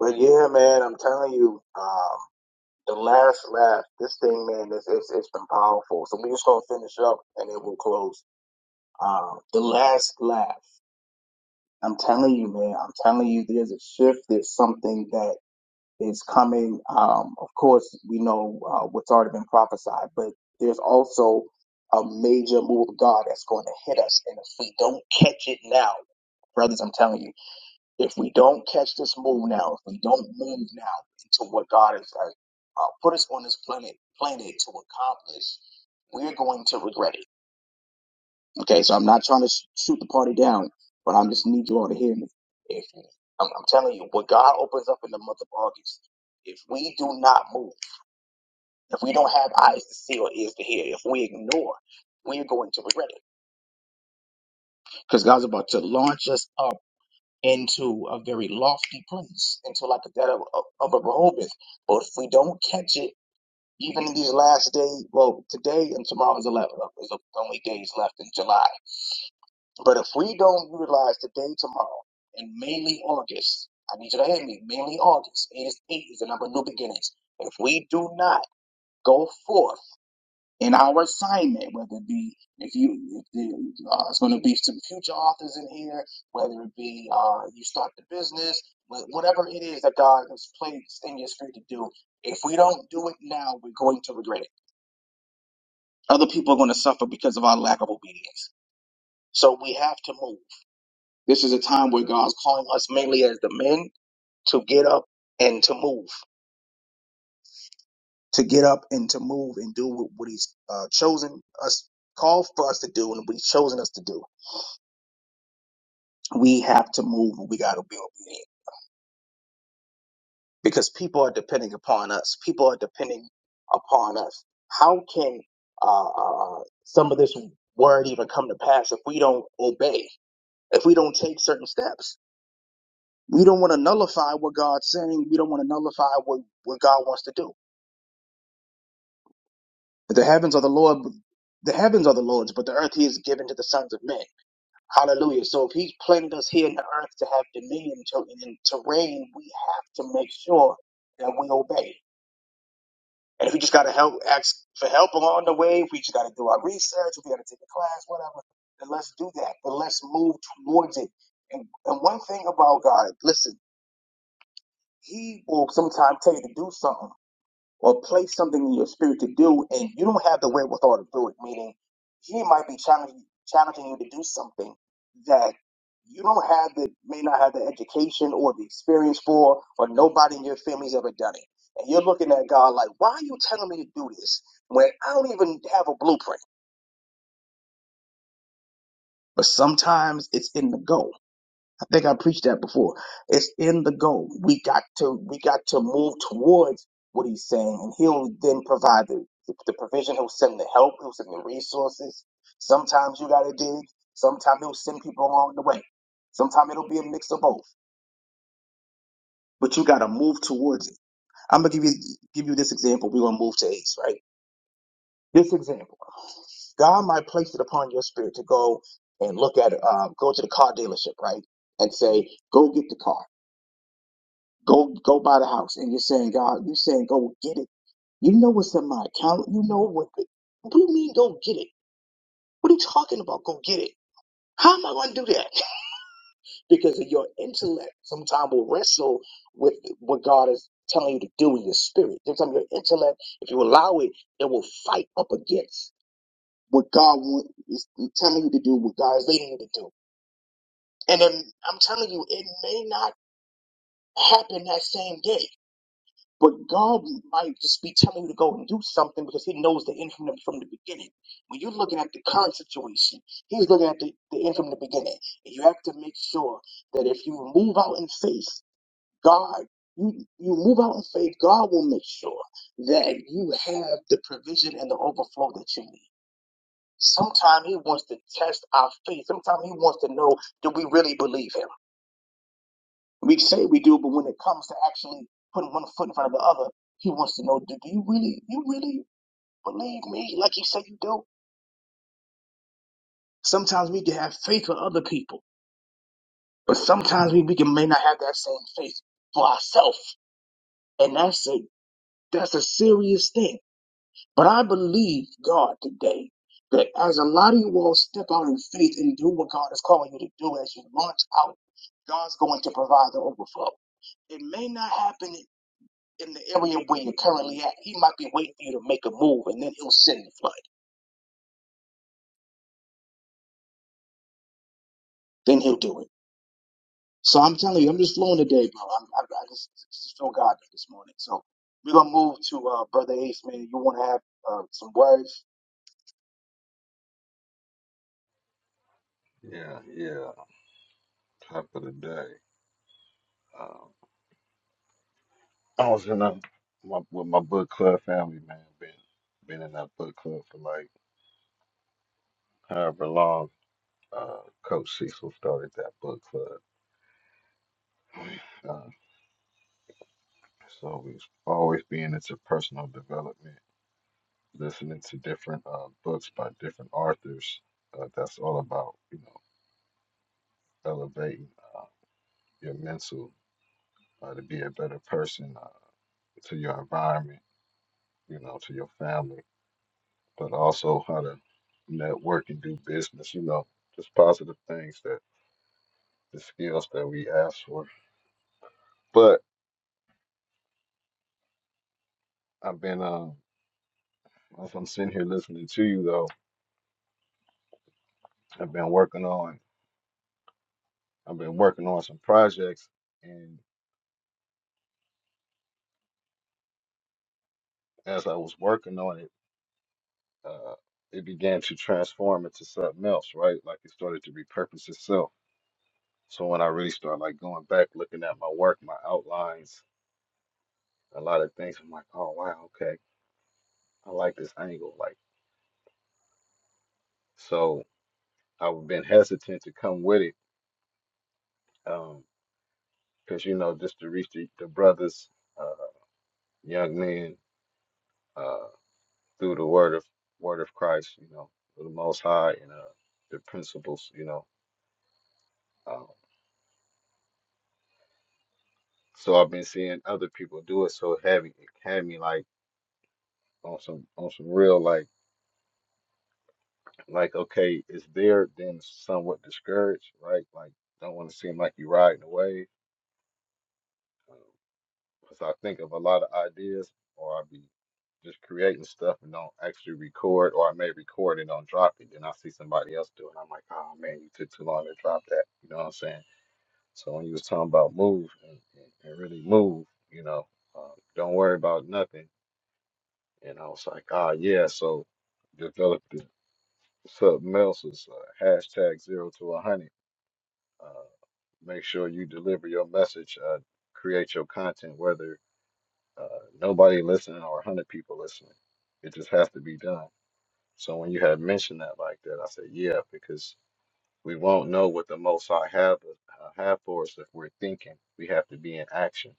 A: But yeah, man, I'm telling you, um, the last laugh, this thing, man, it's, it's, it's been powerful. So we're just going to finish up and then we'll close. Um, the last laugh. I'm telling you, man, I'm telling you, there's a shift. There's something that is coming. Um, of course, we know uh, what's already been prophesied, but there's also a major move of God that's going to hit us. And if we don't catch it now, brothers, I'm telling you, if we don't catch this move now, if we don't move now into what God has uh, uh, put us on this planet planet to accomplish, we're going to regret it. Okay, so I'm not trying to sh- shoot the party down, but I just need you all to hear me. If I'm, I'm telling you, what God opens up in the month of August, if we do not move, if we don't have eyes to see or ears to hear, if we ignore, we're going to regret it. Because God's about to launch us up into a very lofty place, into like that of, of, of a Rehoboth. But if we don't catch it, even in these last days, well, today and tomorrow is 11, is the only days left in July But if we don't utilize today, tomorrow, and mainly August, I need you to hear me, mainly August, eight is, eight is the number of new beginnings. If we do not go forth in our assignment, whether it be, if you, if uh, it's going to be some future authors in here, whether it be uh, you start the business, whatever it is that God has placed in your spirit to do, if we don't do it now, we're going to regret it. Other people are going to suffer because of our lack of obedience. So we have to move. This is a time where God's calling us mainly as the men to get up and to move, to get up and to move and do what, what He's uh, chosen us, called for us to do, and what He's chosen us to do. We have to move. and We got to be obedient because people are depending upon us. People are depending upon us. How can uh, uh, uh, some of this word even come to pass if we don't obey? If we don't take certain steps, we don't want to nullify what God's saying. We don't want to nullify what, what God wants to do The heavens are the Lord, the heavens are the Lord's, but the earth He has given to the sons of men. Hallelujah! So if He planted us here in the earth to have dominion to, and to reign, we have to make sure that we obey. And if we just gotta help, ask for help along the way, if we just gotta do our research, if we gotta take a class, whatever, then let's do that. But let's move towards it. And and one thing about God, listen, He will sometimes tell you to do something. or place something in your spirit to do, and you don't have the wherewithal to do it. Meaning, he might be challenging challenging you to do something that you don't have the may not have the education or the experience for, or nobody in your family's ever done it. And you're looking at God like, why are you telling me to do this when I don't even have a blueprint? But sometimes it's in the go. I think I preached that before. It's in the goal. We got to we got to move towards what he's saying, and he'll then provide the, the provision. He'll send the help. He'll send the resources. Sometimes you gotta dig. Sometimes he'll send people along the way. Sometimes it'll be a mix of both. But you gotta move towards it. I'm gonna give you give you this example. We're gonna move to Ace, right? This example. God might place it upon your spirit to go and look at uh, go to the car dealership, right? And say, go get the car Go go buy the house. And you're saying, God, you're saying go get it. You know what's in my account. You know what. What do you mean go get it? What are you talking about? Go get it. How am I going to do that? because of your intellect sometimes will wrestle with what God is telling you to do in your spirit. Sometimes your intellect, if you allow it, it will fight up against what God want, is telling you to do, what God is leading you to do. And then I'm telling you, it may not happen that same day. But God might just be telling you to go and do something because He knows the end from the, from the beginning. When you're looking at the current situation, He's looking at the, the end from the beginning. And you have to make sure that if you move out in faith, God, you, you move out in faith, God will make sure that you have the provision and the overflow that you need. Sometimes He wants to test our faith. Sometimes He wants to know do we really believe Him? We say we do, but when it comes to actually putting one foot in front of the other, he wants to know, do you really, you really believe me like you say you do? Sometimes we can have faith for other people, but sometimes we, we can, may not have that same faith for ourselves. And that's a, that's a serious thing. But I believe God today that as a lot of you all step out in faith and do what God is calling you to do as you launch out, God's going to provide the overflow. It may not happen in the area where you're currently at. He might be waiting for you to make a move, and then he'll send the flood. Then he'll do it. So I'm telling you, I'm just flowing today, bro. I'm, I, I just, just feel God this morning. So we're gonna move to uh, brother Ace, man. You want to have uh, some words?
E: Yeah, yeah. Top of the day. Um, I was in a, my, with my book club family, man. Been been in that book club for like however long. Uh, Coach Cecil started that book club, uh, so we've always been into personal development, listening to different uh, books by different authors. Uh, that's all about you know elevating uh, your mental uh, to be a better person uh, to your environment, you know, to your family but also how to network and do business, you know, just positive things that the skills that we ask for. But I've been um as I'm sitting here listening to you though, I've been working on I've been working on some projects and as I was working on it, uh it began to transform into something else, right? Like it started to repurpose itself. So when I really start like going back, looking at my work, my outlines, a lot of things, I'm like, oh wow, okay. I like this angle. Like so I've been hesitant to come with it because you know just to reach the, the brothers, uh, young men uh, through the word of word of Christ, you know, through the Most High and uh, the principles, you know. Um, so I've been seeing other people do it, so it had me, it had me like on some on some real like like okay, it's there, then somewhat discouraged, right? Like don't want to seem like you're riding away. Because I think of a lot of ideas, or i be just creating stuff and don't actually record, or I may record and don't drop it. Then I see somebody else do it. I'm like, oh man, you took too long to drop that. You know what I'm saying? So when you was talking about move and, and, and really move, you know, uh, don't worry about nothing. And I was like, ah, yeah. So developed the something else is uh, hashtag zero to a hundred. Uh, make sure you deliver your message, uh, create your content, whether Uh, nobody listening or 100 people listening. It just has to be done. So when you had mentioned that like that, I said, yeah, because we won't know what the Most High have, uh, have for us if we're thinking. We have to be in action.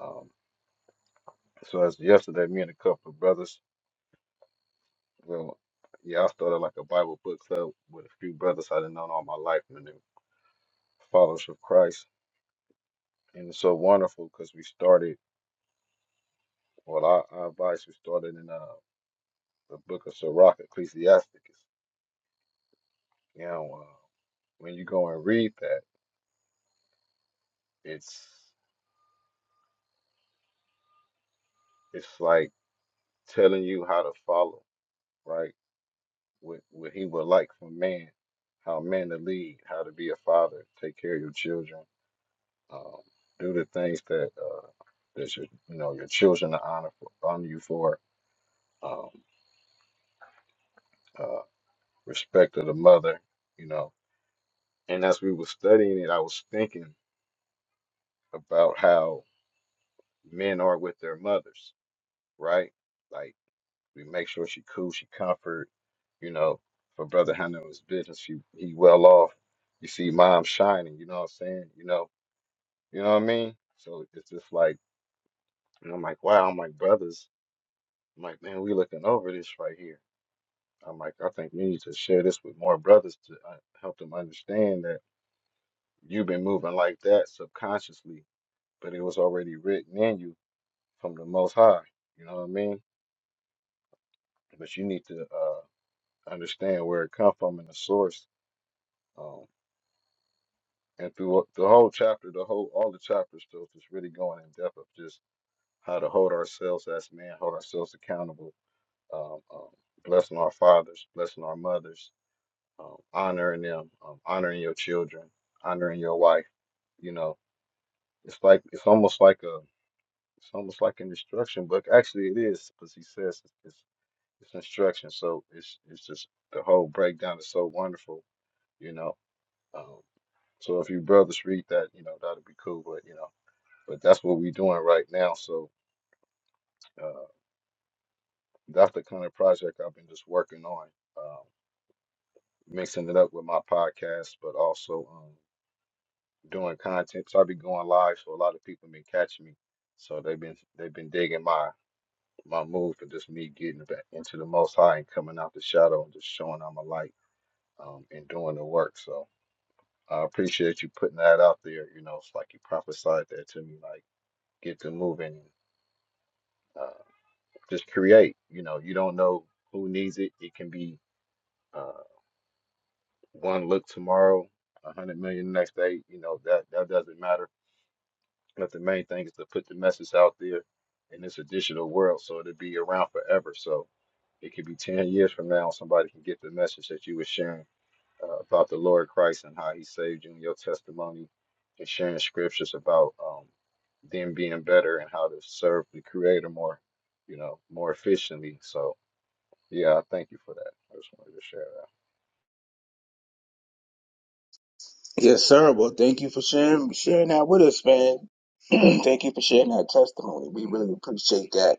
E: Um, so as yesterday, me and a couple of brothers, well, yeah, I started like a Bible book club with a few brothers I didn't know all my life, and they followers of Christ. And it's so wonderful because we started, well, our, our advice, we started in uh, the book of Sirach, Ecclesiasticus. You know, uh, when you go and read that, it's it's like telling you how to follow, right? What what he would like from man, how man to lead, how to be a father, take care of your children, um, do the things that uh, that your you know your children are honor for, honor you for, um, uh, respect of the mother, you know. And as we were studying it, I was thinking about how men are with their mothers, right? Like We make sure she cool, she comfort. You know, for brother Hunter was business, she he well off. You see mom shining, you know what I'm saying? You know, you know what I mean? So it's just like and I'm like, wow, I'm like brothers. I'm like, man, we looking over this right here. I'm like, I think we need to share this with more brothers to uh, help them understand that you've been moving like that subconsciously, but it was already written in you from the Most High. You know what I mean? But you need to uh, understand where it come from and the source. Um, and through the whole chapter, the whole all the chapters, stuff is really going in depth of just how to hold ourselves as men, hold ourselves accountable, um, um, blessing our fathers, blessing our mothers, um, honoring them, um, honoring your children, honoring your wife. You know, it's like it's almost like a it's almost like an instruction book. Actually, it is because he says it's, it's it's instruction. So it's it's just the whole breakdown is so wonderful. You know, um, so if you brothers read that, you know that'd be cool. But you know. but that's what we're doing right now. So uh, that's the kind of project I've been just working on, um, mixing it up with my podcast, but also um, doing content. So I've been going live, so a lot of people been catching me. So they've been they've been digging my my move for just me getting back into the Most High and coming out the shadow and just showing I'm a light um, and doing the work. So I appreciate you putting that out there. You know, it's like you prophesied that to me, like get to moving. Uh, just create. You know, you don't know who needs it. It can be uh, one look tomorrow, a hundred million the next day. You know that that doesn't matter. But the main thing is to put the message out there in this digital world, so it'll be around forever. So it could be ten years from now, somebody can get the message that you were sharing uh, about the Lord Christ and how He saved you and your testimony, and sharing scriptures about um, them being better and how to serve the Creator more, you know, more efficiently. So Yeah, thank you for that. I just wanted to share that.
A: Yes, sir. Well, thank you for sharing sharing that with us, man. thank you for sharing that testimony. We really appreciate that.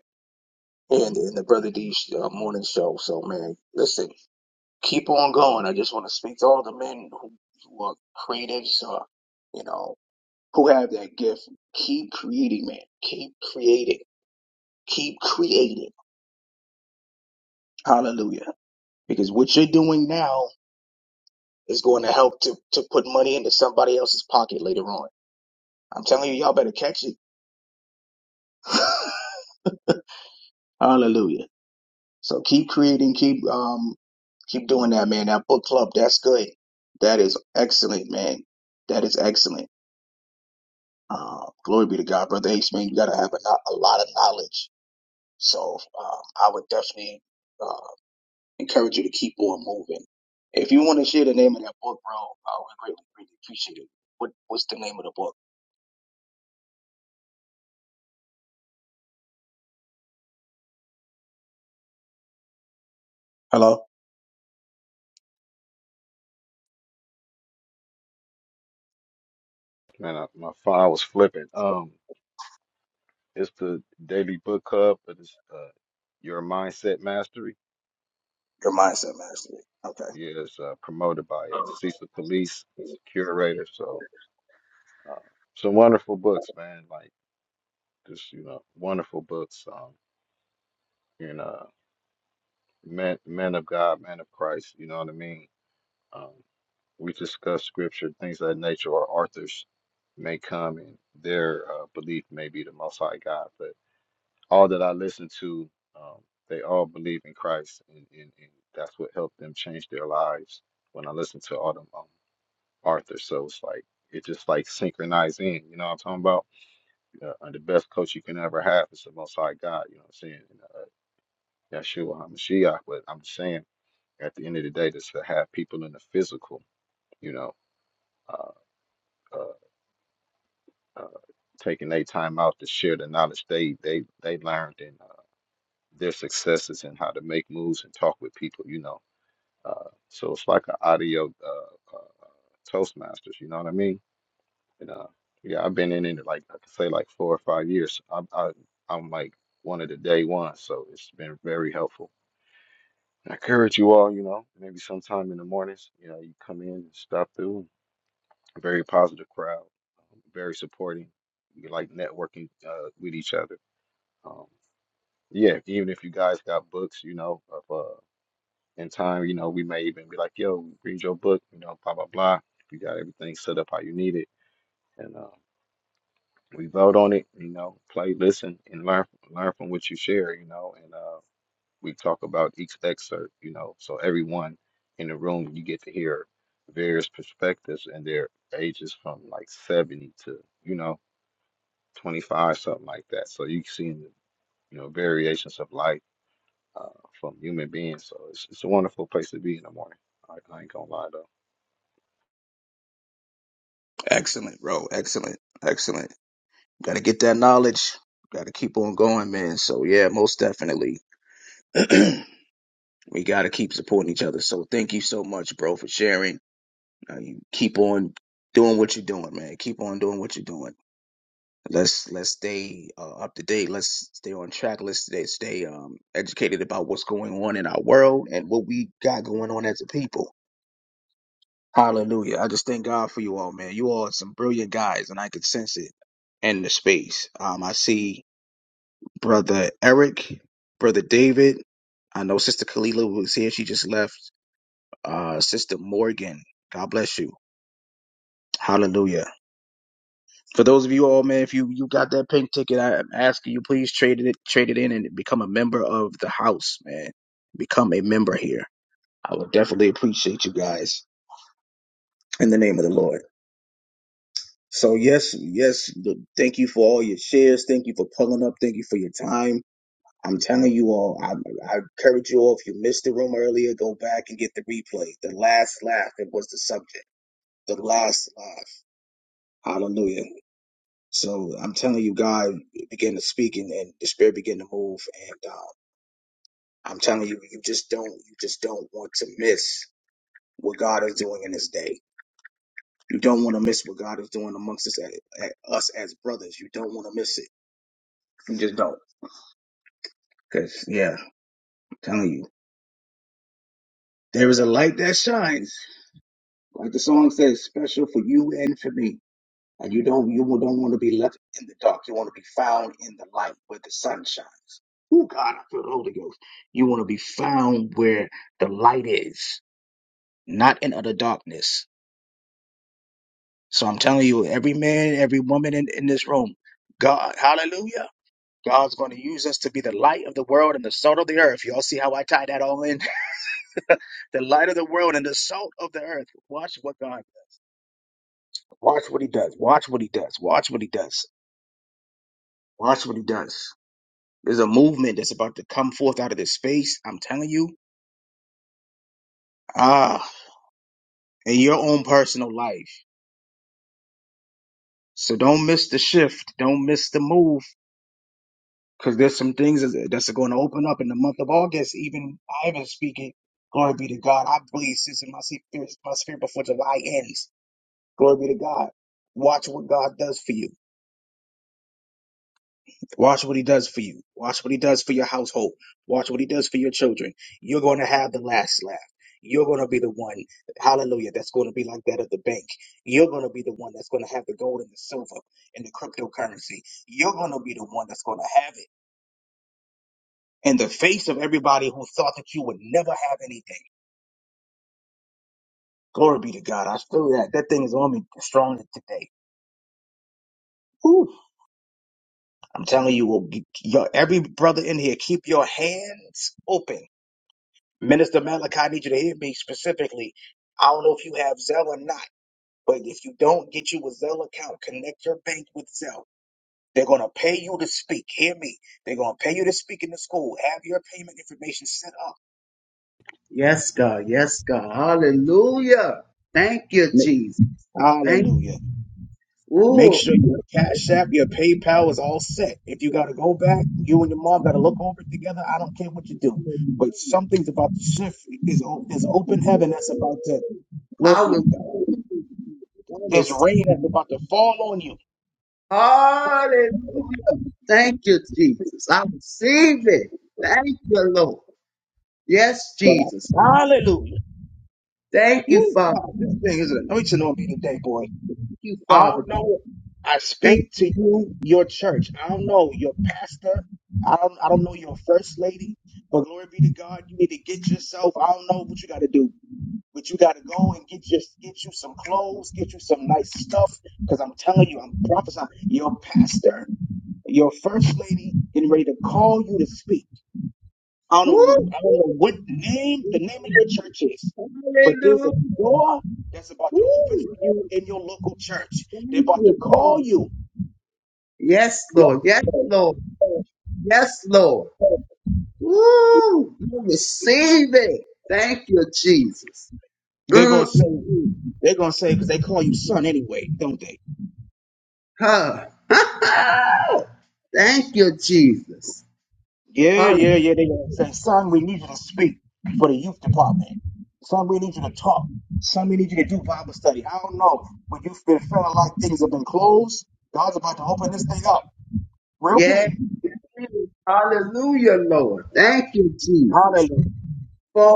A: And in the Brother D's uh, morning show. So, man, listen, keep on going. I just want to speak to all the men who, who are creatives, uh, you know. who have that gift, keep creating, man. Keep creating. Keep creating. Hallelujah. Because what you're doing now is going to help to, to put money into somebody else's pocket later on. I'm telling you, y'all better catch it. Hallelujah. So keep creating, keep um keep doing that, man. That book club, that's good. That is excellent, man. That is excellent. Uh, glory be to God, brother H. Man, you gotta have a, no- a lot of knowledge. So um, I would definitely uh, encourage you to keep on moving. If you want to share the name of that book, bro, I would greatly, greatly appreciate it. What, what's the name of the book? Hello?
E: Man, I, my phone was flipping. Um, it's the Daily Book Club, but it's uh, Your Mindset Mastery.
A: Your
E: Um,
A: Mindset Mastery. Okay.
E: yeah, it's uh, promoted by uh, Cecil Police. He's the curator. So, uh, some wonderful books, man. Like just you know, wonderful books. Um, and uh, men, men of God, men of Christ. You know what I mean? Um, we discuss scripture, things of that nature, or authors may come and their uh, belief may be the Most High God, but. all that I listened to, um, they all believe in Christ, and, and, and that's what helped them change their lives. When I listened to all them um, Arthur, so it's like it just like synchronized in. You know what I'm talking about? Uh, and the best coach you can ever have is the Most High God. You know what I'm saying? And, uh, Yeshua Hamashiach. But I'm just saying, at the end of the day, just to have people in the physical, you know, uh, uh, uh, taking their time out to share the knowledge they they they learned and uh, their successes and how to make moves and talk with people. You know Uh, so it's like an audio uh, uh, Toastmasters, you know what I mean? And uh, yeah, I've been in it like I could say like four or five years. I, I I'm like one of the day ones, so it's been very helpful. I encourage you all, you know, maybe sometime in the mornings, you know, you come in and stop through. Very positive crowd, um, very supporting. You like networking uh, with each other. Um, yeah, even if you guys got books, you know, in time, you know, we may even be like, yo, read your book, you know, blah, blah, blah. You got everything set up how you need it. And uh, we vote on it, you know, play, listen, and learn learn from what you share, you know, and uh, we talk about each excerpt, you know, so everyone in the room, you get to hear various perspectives and their ages from like 70 to, you know, 25, something like that. So you can see, you know, variations of life uh, from human beings. So it's, it's a wonderful place to be in the morning. I, I ain't gonna lie though.
A: Excellent, bro. Excellent. Excellent. Got to get that knowledge. Got to keep on going, man. So, yeah, most definitely. we got to keep supporting each other. So, thank you so much, bro, for sharing. Uh, you keep on doing what you're doing, man. Keep on doing what you're doing. Let's let's stay uh, up to date. Let's stay on track. Let's stay stay um, educated about what's going on in our world and what we got going on as a people. Hallelujah! I just thank God for you all, man. You all are some brilliant guys, and I can sense it in the space. Um, I see brother Eric, brother David. I know sister Kalila was here. She just left. Uh, sister Morgan. God bless you. Hallelujah. For those of you all, man, if you you got that pink ticket, I am asking you please trade it trade it in and become a member of the house, man. Become a member here. I would definitely appreciate you guys in the name of the Lord. So yes, yes, th- thank you for all your shares. Thank you for pulling up. Thank you for your time. I'm telling you all, I, I encourage you all. If you missed the room earlier, go back and get the replay. The last laugh. It was the subject. The last laugh. Hallelujah. So I'm telling you, God began to speak and, and the spirit began to move. And um, I'm telling you, you just don't, you just don't want to miss what God is doing in this day. You don't want to miss what God is doing amongst us, a a- us as brothers. You don't want to miss it. You just don't. Cause yeah, I'm telling you, there is a light that shines, like the song says, special for you and for me. And you don't you don't want to be left in the dark. You want to be found in the light where the sun shines. Oh God, I feel the Holy Ghost. You want to be found where the light is, not in utter darkness. So I'm telling you, every man, every woman in, in this room, God, hallelujah. God's going to use us to be the light of the world and the salt of the earth. Y'all see how I tie that all in? the light of the world and the salt of the earth. Watch what God does. Watch what he does. Watch what he does. Watch what he does. Watch what he does. There's a movement that's about to come forth out of this space. I'm telling you. Ah, in your own personal life. So don't miss the shift. Don't miss the move. Because there's some things that's that's going to open up in the month of August. Even I even speaking. Glory be to God. I believe since my spirit, my spirit before July ends. Glory be to God. Watch what God does for you. Watch what he does for you. Watch what he does for your household. Watch what he does for your children. You're going to have the last laugh. You're going to be the one, hallelujah, that's going to be like that of the bank. You're going to be the one that's going to have the gold and the silver and the cryptocurrency. You're going to be the one that's going to have it in the face of everybody who thought that you would never have anything. Glory be to God. I feel that. That thing is on me stronger today. Woo. I'm telling you, we'll get- your, every brother in here, keep your hands open Minister Malachi, I need you to hear me specifically. I don't know if you have Zelle or not, but if you don't get you a Zelle account, connect your bank with Zelle. They're going to pay you to speak. Hear me. They're going to pay you to speak in the school. Have your payment information set up.
C: Yes, God. Yes, God. Hallelujah. Thank you,
A: Ma-
C: Jesus. Thank you.
A: Hallelujah. Make
C: Oh,
A: sure your Cash App, your PayPal is all set. If you got to go back, you and your mom got to look over it together. I don't care what you do. But
C: hallelujah.
A: something's about to shift. There's, o- there's open heaven that's about to, glory
C: I
A: be to
C: will
A: God.
C: I
A: There's
C: receive
A: rain that's about to fall on you.
C: Hallelujah. Thank you, Jesus. I receive it. Thank you, Lord. Yes,
A: But
C: Jesus.
A: I, hallelujah.
C: Thank you,
A: Woo,
C: Father.
A: God, this thing is an anointing on me today, boy.
C: Thank you,
A: I
C: Father.
A: don't know. I
C: Thank
A: speak
C: you,
A: to
C: Father.
A: you, your church. I don't know your pastor. I don't. I don't know your first lady. But glory be to God. You need to get yourself. I don't know what you got to do, but you got to go and get your get you some clothes, get you some nice stuff. Because I'm telling you, I'm prophesying. Your pastor, your first lady, getting ready to call you to speak. I don't know.
C: Woo!
A: I don't know what name the name of your church is, but there's a
C: Hallelujah.
A: door that's about to open for
C: Woo!
A: you in your local church.
C: Thank
A: They're about to
C: you.
A: call you.
C: Yes, Lord. Yes, Lord. Yes, Lord. Woo! We receive it. Thank you, Jesus.
A: They're gonna say
C: Mm,
A: they're gonna say because they call you son anyway, don't they?
C: huh. Thank you, Jesus.
A: Yeah,
C: Hallelujah.
A: yeah, yeah. They're gonna say, son, we need you to speak for the youth department. Son, we need you to talk. Son, we need you to do Bible study. I don't know, but you've been feeling like things have been closed. God's about to open this thing up real
C: Yes.
A: big.
C: Hallelujah, Lord. Thank you, Jesus.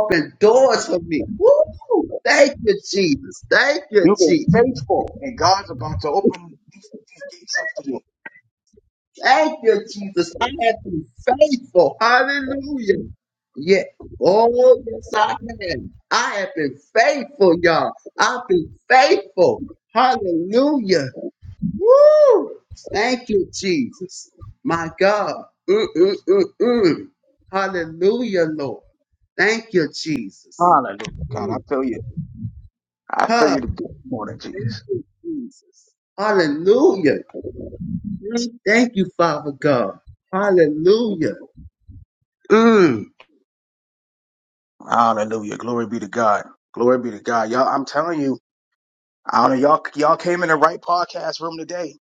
C: open doors for me. Woo! Thank you, Jesus. Thank you,
A: You've been
C: Jesus.
A: faithful, and God's about to open these, these gates up for you.
C: Thank you, Jesus. I have been faithful. Hallelujah. Yeah. Oh, yes, I have. I have been faithful, y'all. I've been faithful. Hallelujah. Woo! Thank you, Jesus. My God. Mm, mm, mm, mm. Hallelujah, Lord. Thank you, Jesus.
A: Hallelujah. God, I
C: Mm.
A: feel you. I feel
C: Huh.
A: you this morning,
C: Thank
A: Jesus.
C: you, Jesus. Hallelujah. Mm. Thank you, Father God. Hallelujah. Mm.
A: Hallelujah. Glory be to God. Glory be to God. Y'all, I'm telling you, I don't know, y'all, y'all came in the right podcast room today.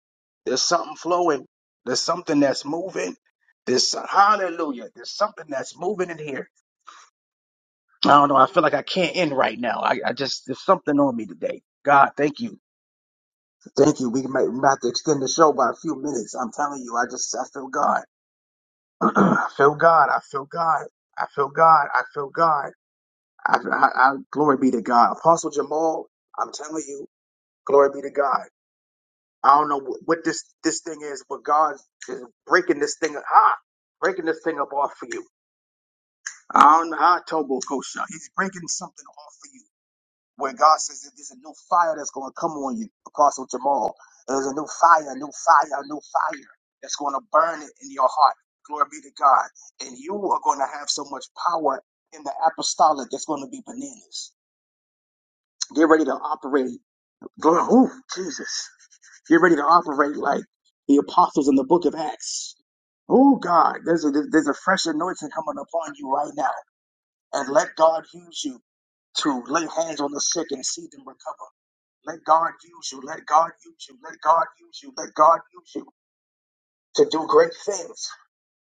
A: There's something flowing. There's something that's moving. There's so- hallelujah. There's something that's moving in here. I don't know. I feel like I can't end right now. I, I just there's something on me today. God, thank you. Thank you. We might we might have to extend the show by a few minutes. I'm telling you, I just I feel God. I feel God. I feel God. I feel God. I feel God. I, I, I, glory be to God. Apostle Jamal, I'm telling you, glory be to God. I don't know wh- what this this thing is, but God is breaking this thing ah, breaking this thing up off for you. I don't know how Tobo Kosha. He's breaking something off for you. where God says that there's a new fire that's going to come on you, Apostle Jamal. There's a new fire, a new fire, a new fire that's going to burn it in your heart. Glory be to God. And you are going to have so much power in the apostolic that's going to be bananas. Get ready to operate. Glory, oh, Jesus. Get ready to operate like the apostles in the book of Acts. Oh, God, there's a, there's a fresh anointing coming upon you right now. And let God use you to lay hands on the sick and see them recover. Let God use you. Let God use you. Let God use you. Let God use you to do great things.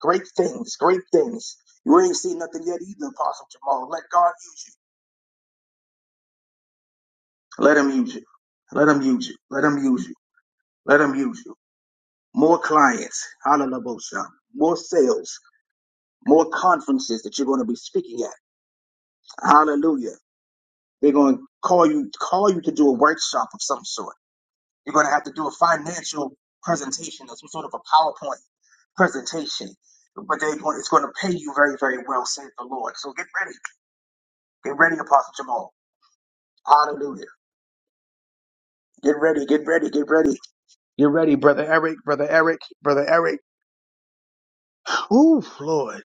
A: Great things. Great things. You ain't seen nothing yet either, Apostle Jamal. Let God use you. Let him use you. Let him use you. Let him use you. Let him use you. More clients. Hallelujah. More sales. More conferences that you're going to be speaking at. Hallelujah. They're going to call you, call you to do a workshop of some sort. You're going to have to do a financial presentation or some sort of a PowerPoint presentation, but they're going, it's going to pay you very, very well, says the Lord. So get ready. Get ready, Apostle Jamal. Hallelujah. Get ready, get ready, get ready. Get ready, Brother Eric, Brother Eric, Brother Eric. Ooh, Lord.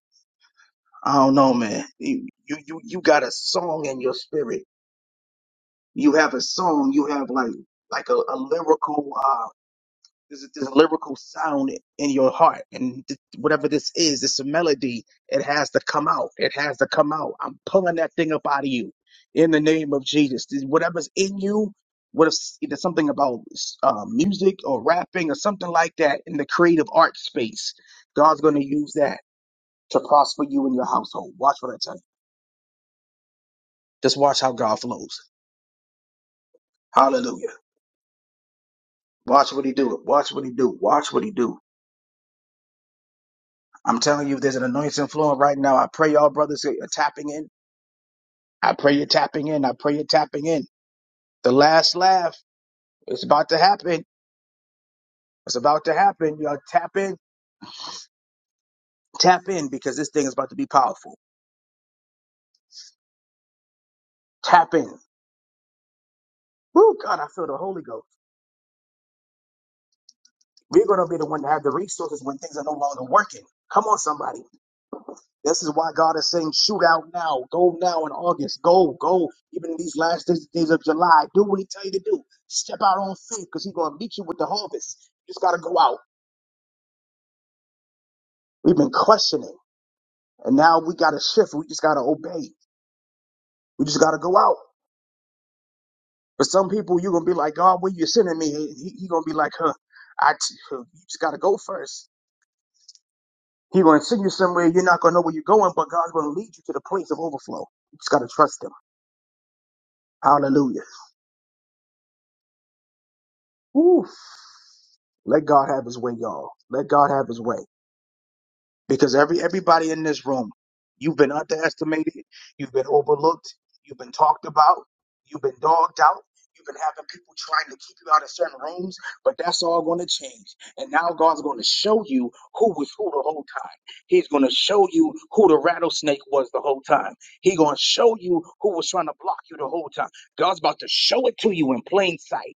A: I don't know, man. You, you, you you got a song in your spirit. You have a song. You have like, like a, a lyrical, uh, There's this lyrical sound in your heart, and th- whatever this is, it's a melody. It has to come out. It has to come out. I'm pulling that thing up out of you, in the name of Jesus. This- Whatever's in you, what if s- there's something about uh, music or rapping or something like that in the creative art space? God's going to use that to prosper you and your household. Watch what I tell you. Just watch how God flows. Hallelujah. Watch what He do. Watch what He do. Watch what He do. I'm telling you, there's an anointing flowing right now. I pray y'all brothers are tapping in. I pray you're tapping in. I pray you're tapping in. The last laugh is about to happen. It's about to happen. Y'all tap in, tap in because this thing is about to be powerful. Tap in. Woo, God, I feel the Holy Ghost. We're going to be the one to have the resources when things are no longer working. Come on, somebody. This is why God is saying, shoot out now. Go now in August. Go, go. Even in these last days, days of July, do what He tell you to do. Step out on faith because He's going to meet you with the harvest. You just got to go out. We've been questioning, and now we got to shift. We just got to obey. We just got to go out. For some people, you're going to be like, God, where you sending me? He's he, he going to be like, huh, I t- huh, you just got to go first. He's going to send you somewhere. You're not going to know where you're going, but God's going to lead you to the place of overflow. You just got to trust Him. Hallelujah. Woo. Let God have his way, y'all. Let God have his way. Because every everybody in this room, you've been underestimated, you've been overlooked, you've been talked about, you've been dogged out, you've been having people trying to keep you out of certain rooms, but that's all gonna change. And now God's gonna show you who was who the whole time. He's gonna show you who the rattlesnake was the whole time. He's gonna show you who was trying to block you the whole time. God's about to show it to you in plain sight.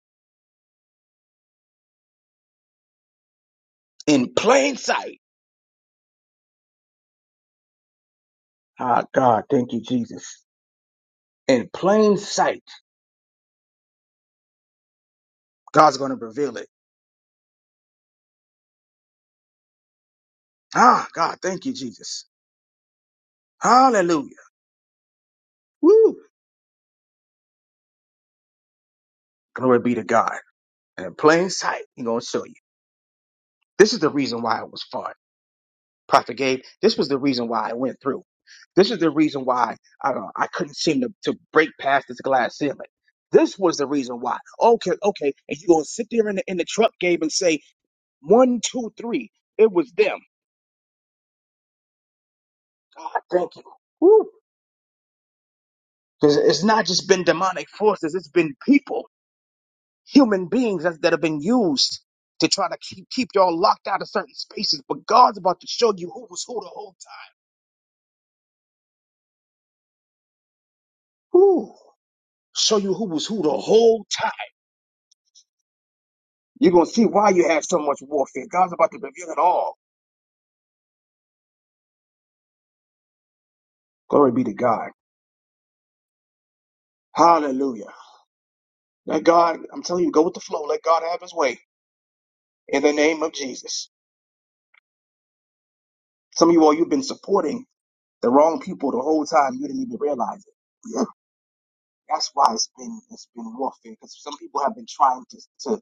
A: In plain sight. Ah God, thank you, Jesus. in plain sight. God's going to reveal it. Ah, God, thank you, Jesus. Hallelujah. Woo. Glory be to God. And in plain sight, He's going to show you. This is the reason why it was fun. Prophet Gabe, this was the reason why I went through. This is the reason why I, uh, I couldn't seem to, to break past this glass ceiling. This was the reason why. Okay, okay. And you going to sit there in the, in the truck, Gabe, and say, one, two, three. It was them. God, thank you. Woo. Because it's not just been demonic forces, it's been people. human beings that, that have been used to try to keep, keep y'all locked out of certain spaces. But God's about to show you who was who the whole time. Whew. Show you who was who the whole time. You're going to see why you have so much warfare. God's about to reveal it all. Glory be to God. Hallelujah. Let God, I'm telling you, go with the flow. Let God have his way in the name of Jesus. Some of you all, you've been supporting the wrong people the whole time. You didn't even realize it. That's why it's been it's been warfare because some people have been trying to to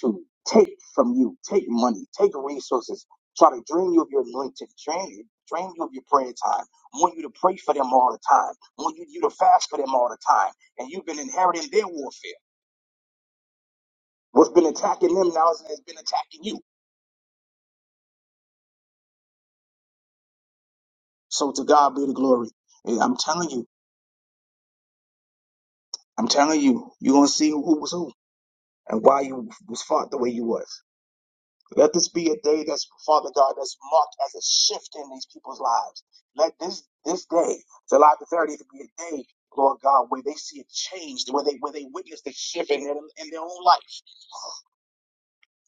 A: to take from you, take money, take resources, try to drain you of your anointing, drain drain you of your prayer time. Want you to pray for them all the time. Want you, you to fast for them all the time, and you've been inheriting their warfare. What's been attacking them now is has been attacking you. So to God be the glory. Yeah, I'm telling you, I'm telling you, you're gonna see who was who and why you was fought the way you was. Let this be a day that's, Father God, that's marked as a shift in these people's lives. Let this this day, July the 30th, be a day, Lord God, where they see a change, where they where they witness the shift in their, in their own life.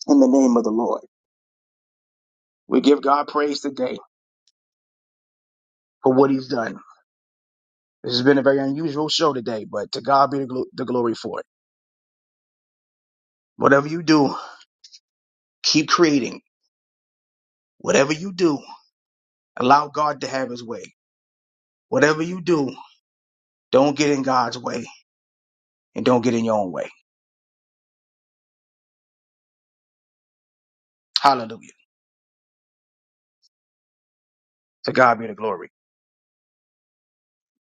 A: In the name of the Lord, we give God praise today for what He's done. This has been a very unusual show today, but to God be the, glo- the glory for it. Whatever you do, keep creating. Whatever you do, allow God to have His way. Whatever you do, don't get in God's way and don't get in your own way. Hallelujah. To God be the glory.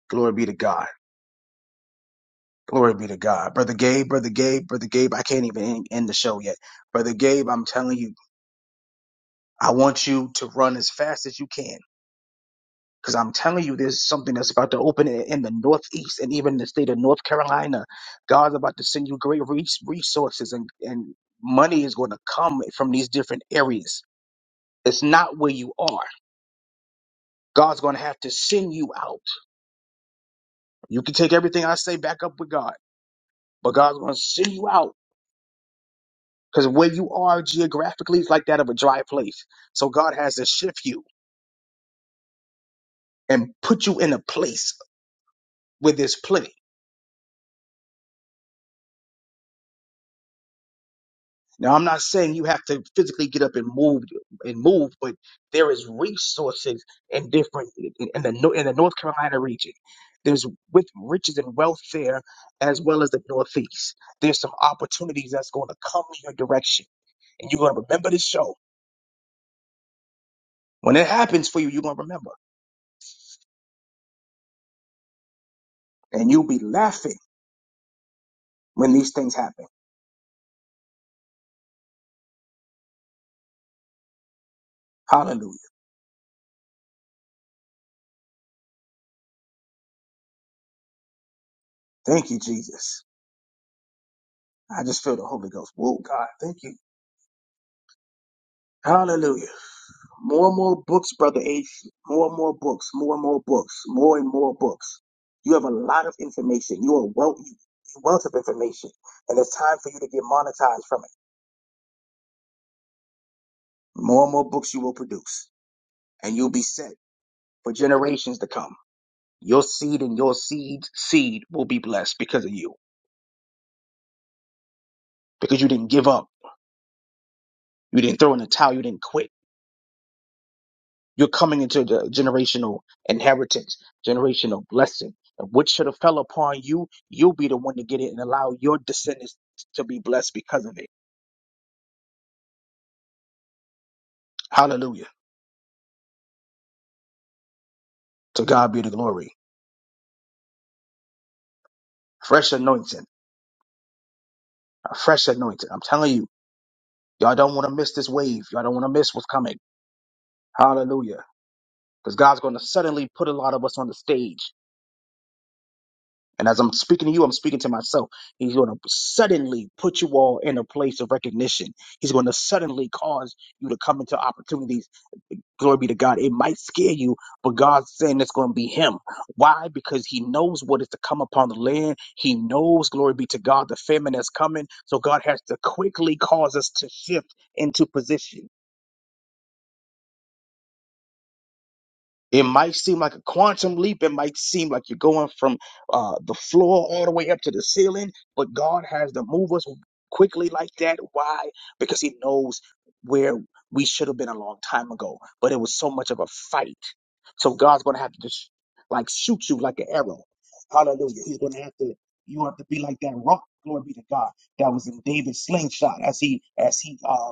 A: Glory be to God. Glory be to God. Brother Gabe, Brother Gabe, Brother Gabe, I can't even end, end the show yet. Brother Gabe, I'm telling you, I want you to run as fast as you can. Because I'm telling you, there's something that's about to open in, in the Northeast and even the state of North Carolina. God's about to send you great res- resources and, and money is going to come from these different areas. It's not where you are. God's going to have to send you out. You can take everything I say back up with God, but God's going to send you out Because where you are geographically is like that of a dry place. So God has to shift you and put you in a place where there's plenty. Now I'm not saying you have to physically get up and move and move, but there is resources in different in in the Nor- in the North Carolina region. There's with riches and wealth there, as well as the Northeast. There's some opportunities that's going to come your direction, and you're going to remember this show when it happens for you. You're going to remember, and you'll be laughing when these things happen. Hallelujah. Thank you, Jesus. I just feel the Holy Ghost. Whoa, God, thank you. Hallelujah. More and more books, Brother H. More and more books, more and more books, more and more books. You have a lot of information. You are wealth, you wealth of information. And it's time for you to get monetized from it. More and more books you will produce. And you'll be set for generations to come. Your seed and your seed's seed will be blessed because of you. Because you didn't give up. You didn't throw in the towel. You didn't quit You're coming into the generational inheritance, generational blessing. And what should have fell upon you, you'll be the one to get it and allow your descendants to be blessed because of it. Hallelujah. To God be the glory. Fresh anointing. A fresh anointing. I'm telling you, y'all don't want to miss this wave. Y'all don't want to miss what's coming. Hallelujah. Because God's going to suddenly put a lot of us on the stage. And as I'm speaking to you, I'm speaking to myself. He's going to suddenly put you all in a place of recognition. He's going to suddenly cause you to come into opportunities Glory be to God. It might scare you, but God's saying it's going to be him. Why? Because he knows what is to come upon the land. He knows, glory be to God, the famine is coming. So God has to quickly cause us to shift into position. It might seem like a quantum leap. It might seem like you're going from uh, the floor all the way up to the ceiling, but God has to move us quickly like that. Why? Because He knows where we should have been a long time ago, but it was so much of a fight. So God's going to have to just like shoot you like an arrow. Hallelujah. He's going to have to, you have to be like that rock. Glory be to God. That was in David's slingshot as he, as he, uh,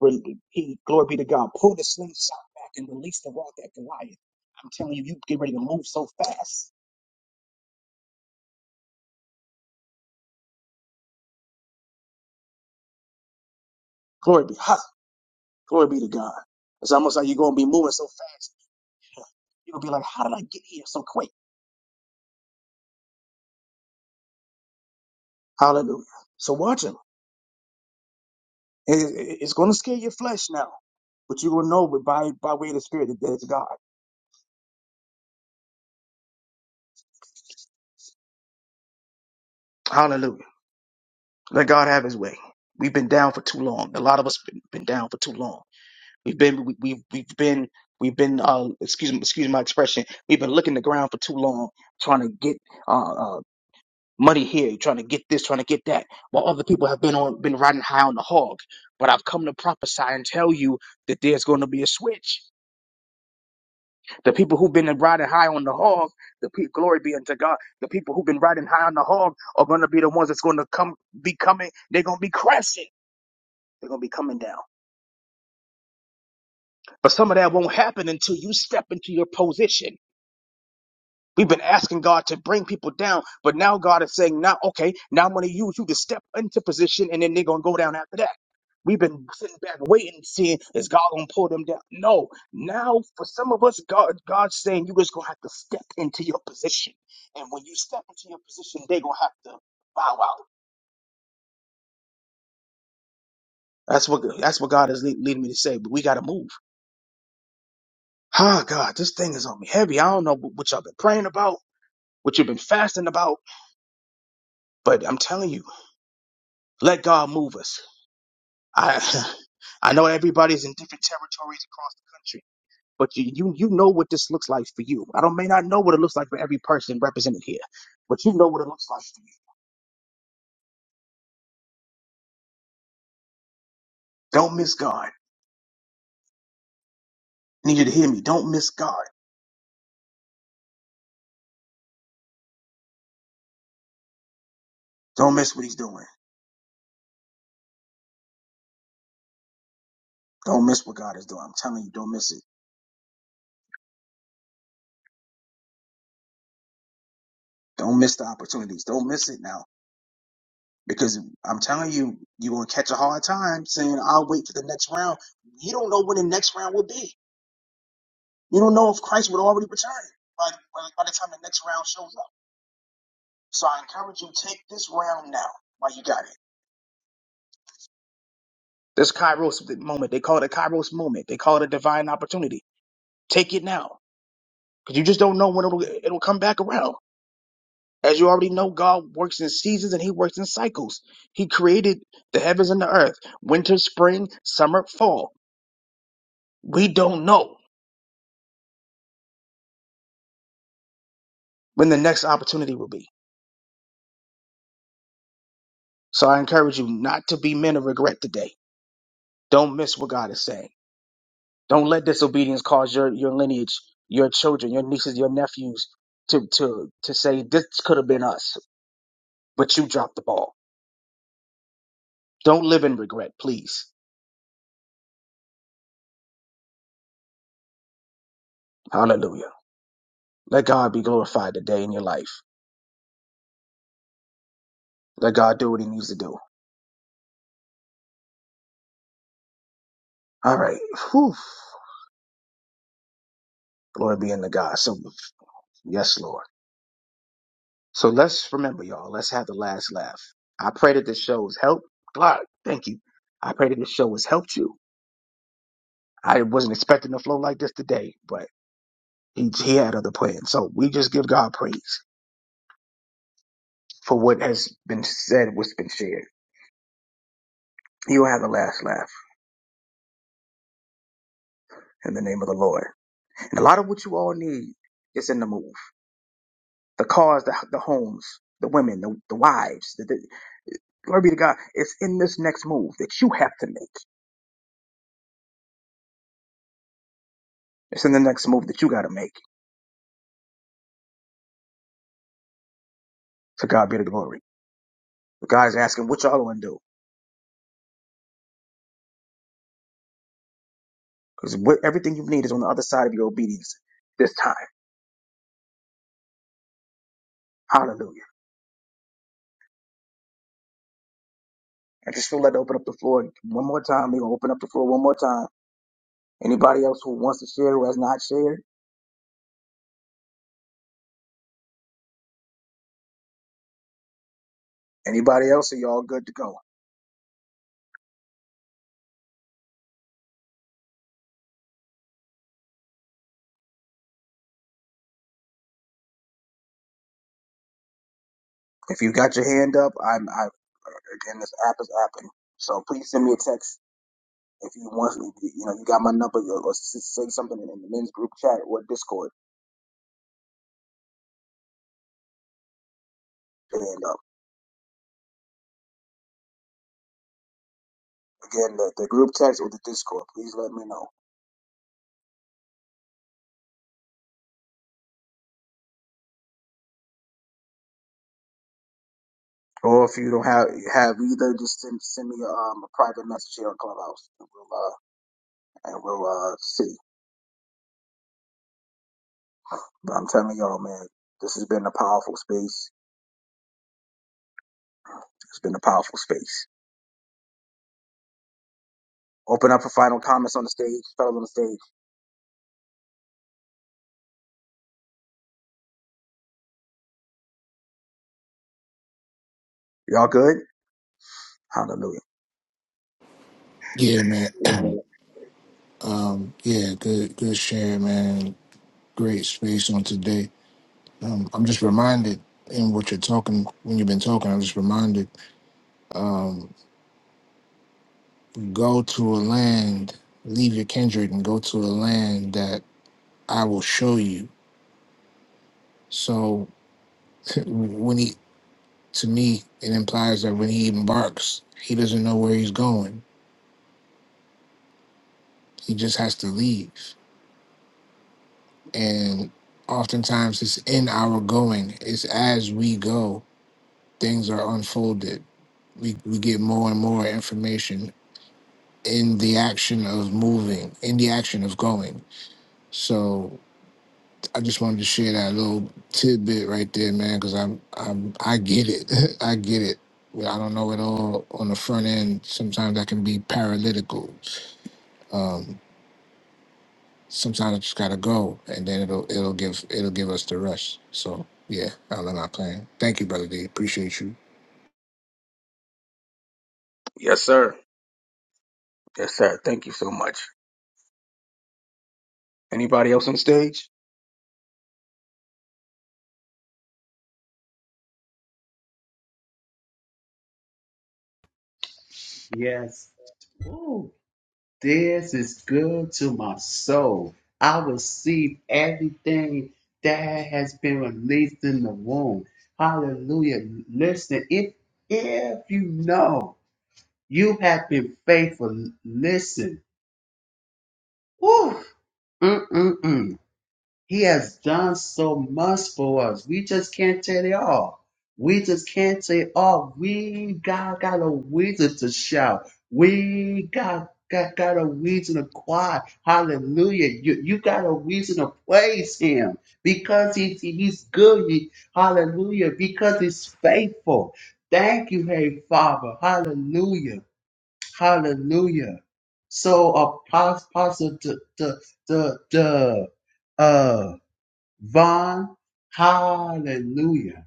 A: Re- He, glory be to God, pulled his slingshot back and released the rock at Goliath. I'm telling you, you get ready to move so fast. Glory be, ha, glory be to God. It's almost like you're going to be moving so fast. You're going to be like, how did I get here so quick? Hallelujah. So watch him. It- it- it's going to scare your flesh now, but you will know by, by way of the Spirit that it's God. Hallelujah. Let God have his way. We've been down for too long. A lot of us been, been down for too long. We've been we, we we've been we've been uh excuse me excuse my expression. We've been looking the ground for too long, trying to get uh, uh money here, trying to get this, trying to get that, while other people have been on been riding high on the hog. But I've come to prophesy and tell you that there's going to be a switch. The people who've been riding high on the hog, the pe- glory be unto God. The people who've been riding high on the hog are going to be the ones that's going to come be coming. They're going to be crashing. They're going to be coming down. But some of that won't happen until you step into your position We've been asking God to bring people down, but now God is saying, now, okay, now I'm going to use you to step into position and then they're going to go down after that. We've been sitting back waiting, seeing is God gonna pull them down? No. Now, for some of us, God, God's saying you just gonna have to step into your position, and when you step into your position, they gonna have to bow out. That's what that's what God is lea- leading me to say. But we gotta move. Ah, God, this thing is on me heavy. I don't know what y'all been praying about, what you've been fasting about, but I'm telling you, let God move us. I I know everybody's in different territories across the country, but you you you know what this looks like for you. I don't may not know what it looks like for every person represented here, but you know what it looks like for you. Don't miss God. I need you to hear me. Don't miss God. Don't miss what He's doing. Don't miss what God is doing. I'm telling you, don't miss it. Don't miss the opportunities. Don't miss it now. Because I'm telling you, you're gonna catch a hard time saying, I'll wait for the next round. You don't know when the next round will be. You don't know if Christ would already return by, by, by the time the next round shows up. So I encourage you, take this round now while you got it. This Kairos moment. They call it a Kairos moment. They call it a divine opportunity. Take it now. Because you just don't know when it'll, it'll come back around. As you already know, God works in seasons and He works in cycles. He created the heavens and the earth winter, spring, summer, fall. We don't know when the next opportunity will be. So I encourage you not to be men of regret today. Don't miss what God is saying. Don't let disobedience cause your, your lineage, your children, your nieces, your nephews to, to, to say, this could have been us, but you dropped the ball. Don't live in regret, please. Hallelujah. Let God be glorified today in your life. Let God do what he needs to do. All right. Whew. Glory be unto God. So, yes, Lord. So let's remember, y'all, let's have the last laugh. I pray that this show has helped. God, thank you. I pray that this show has helped you. I wasn't expecting to flow like this today, but And he had other plans. So we just give God praise for what has been said, what's been shared. He'll have the last laugh in the name of the Lord. And a lot of what you all need is in the move. The cars, the, the homes, the women, the, the wives, the, the, glory be to God. It's in this next move that you have to make. It's in the next move that you got to make. To God be the glory. But God's asking what y'all going to do. Because everything you need is on the other side of your obedience this time. Hallelujah. I just feel led to open up the floor one more time. We're going to open up the floor one more time Anybody else who wants to share who has not shared? Anybody else? Are y'all good to go? If you got your hand up, I'm. I again, this app is apping. So please send me a text if you want. if You you know, you got my number, or or s- say something in in the men's group chat or Discord. And uh, again, the, the group text or the Discord. Please let me know. Or if you don't have have either, just send send me um, a private message here on Clubhouse, and we'll uh, and we'll uh, see. But I'm telling y'all, man, this has been a powerful space. It's been a powerful space. Open up for final comments on the stage, fellas on the stage. Y'all good? Hallelujah.
D: Yeah, man.
A: Amen.
D: um, yeah, good, good share, man. Great space on today. Um, I'm just reminded in what you're talking when you've been talking. I'm just reminded. Go to a land, leave your kindred, and go to a land that I will show you. So when he, to me, it implies that when he embarks, he doesn't know where he's going. He just has to leave and oftentimes it's in our going it's as we go things are unfolded we, we get more and more information in the action of moving in the action of going so i just wanted to share that little tidbit right there man because i'm i'm i get it i get it i don't know it all on the front end sometimes i can be paralytical Um, sometimes it's gotta go, and then it'll it'll give it'll give us the rush. So yeah, I'll end plan. Thank you, brother D. Appreciate you.
A: Yes, sir. Yes, sir. Thank you so much. Anybody else on stage?
C: Yes. Ooh, this is good to my soul. I receive everything that has been released in the womb. Hallelujah. Listen, if if you know you have been faithful, listen. Woo. Mm-mm-mm. He has done so much for us. We just can't tell it all. We just can't say it all. We got, got a reason to shout. We got, got, got a reason to cry. Hallelujah. You, you got a reason to praise him because he's, he's good. He- hallelujah. Because he's faithful. Thank you, hey Father. Hallelujah. Hallelujah. So apostle, apostle, the, the, the, the, uh, Von, hallelujah.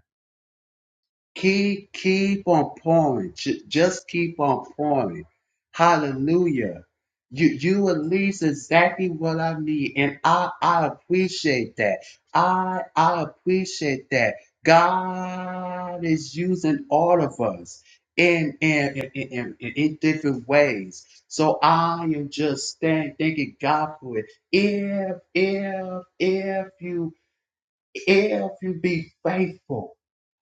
C: Keep, keep on pouring. Ju- Just keep on pouring. Hallelujah. You, you release exactly what I need. And I, I appreciate that. I, I appreciate that. God is using all of us in, in, in, in, in in different ways. So I am just thank, thanking God for it. If, if, if you if you be faithful.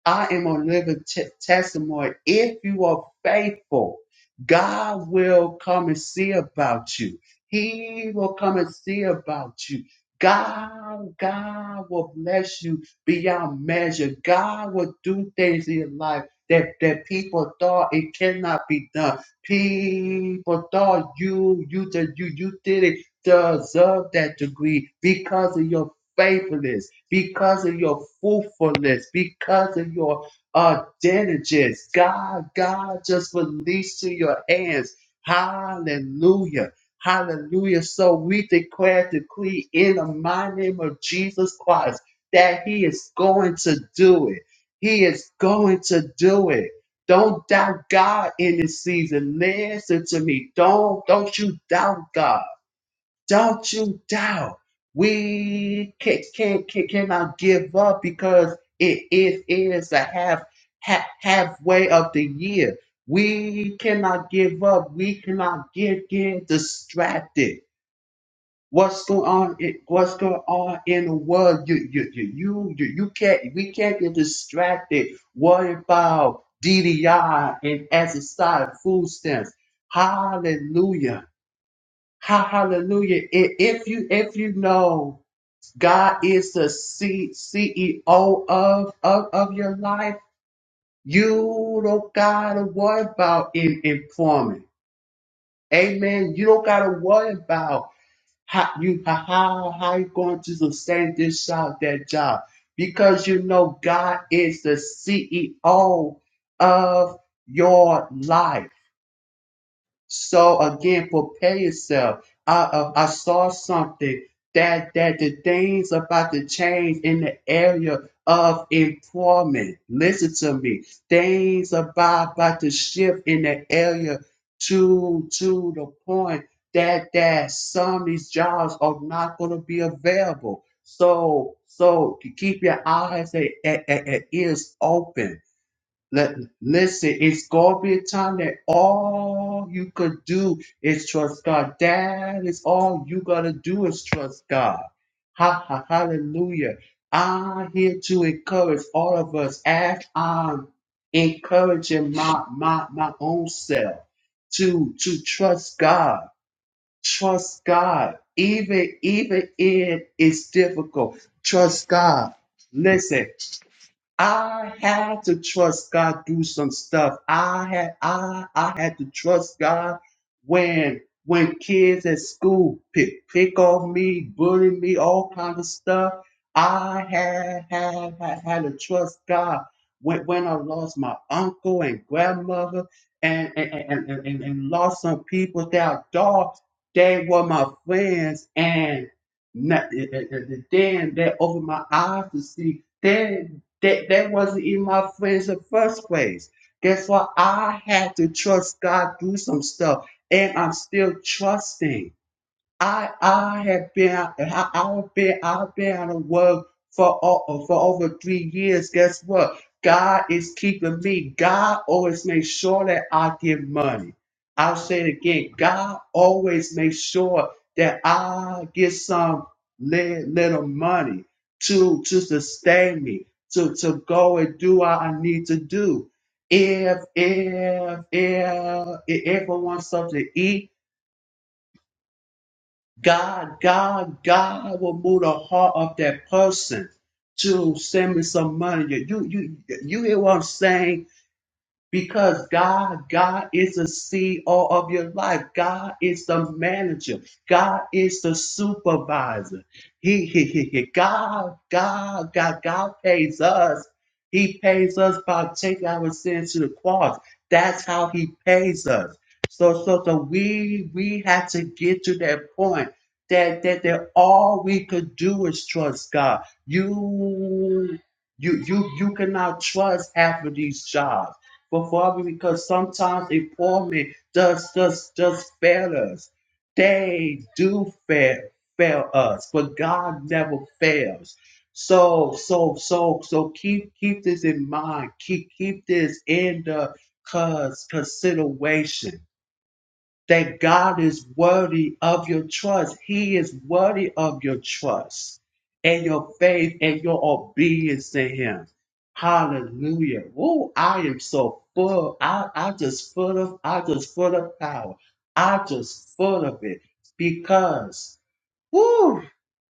C: I am a living te- testimony. If you are faithful, God will come and see about you. He will come and see about you. God, God will bless you beyond measure. God will do things in your life that, that people thought it cannot be done. People thought you, you, did- you, you didn't deserve that degree because of your faithfulness, because of your fruitfulness, because of your uh, diligence. God, God, just release to your hands. Hallelujah. Hallelujah. So we declare, decree in the mighty name of Jesus Christ that He is going to do it. He is going to do it. Don't doubt God in this season. Listen to me. Don't don't you doubt God. Don't you doubt. We can, can, can, cannot give up because it is, is a half, half halfway of the year. We cannot give up. We cannot get, get distracted. What's going on? in- What's going on in the world? You, you, you, you, you, you can't. We can't get distracted. What about DDI and as a side food stamps? Hallelujah. Ha- Hallelujah. I- If you if you know God is the C- CEO of, of of your life, you don't gotta worry about in, employment. Amen. You don't gotta worry about how you how how how you going to sustain this job, that job. Because you know God is the CEO of your life. So again, prepare yourself. I uh, I saw something that that the things about to change in the area of employment. Listen to me. Things about about to shift in the area to to the point that that some of these jobs are not going to be available. So so keep your eyes and, and and- and ears open let, listen, it's gonna be a time that all you could do is trust God. That is all you gotta do is trust God. Ha ha hallelujah. I'm here to encourage all of us as I'm encouraging my my my own self to to trust God. Trust God. Even even if it's difficult, trust God. Listen. I had to trust God through some stuff. I had I I had to trust God when when kids at school pick pick on me, bully me, all kind of stuff. I had had had, had to trust God when, when I lost my uncle and grandmother and and, and, and, and and lost some people that I thought they were my friends and not, and and then they opened my eyes to see that that that wasn't even my friends in the first place. That's why I had to trust God through some stuff, and I'm still trusting. I I have been I, I've been I've been out of work for o- for over three years. Guess what? God is keeping me. God always makes sure that I get money. I'll say it again. God always makes sure that I get some li- little money to to sustain me to to go and do what I need to do. If if if if I want something to eat. God, God, God will move the heart of that person to send me some money. You, you, you hear what I'm saying? because God, God is the CEO of your life. God is the manager. God is the supervisor. He, he, he, he. God, God, God, God pays us. He pays us by taking our sins to the cross. That's how he pays us. So, so, so we, we had to get to that point that, that, that all we could do is trust God. You, you, you, you cannot trust half of these jobs. But Father, because sometimes a poor man does just just fail us. They do fail fail us, but God never fails. So so so so keep keep this in mind. Keep keep this in the cause consideration that God is worthy of your trust. He is worthy of your trust and your faith and your obedience to Him. Hallelujah. Oh, I am so full. I, I just full of, I just full of power. I just full of it because Woo!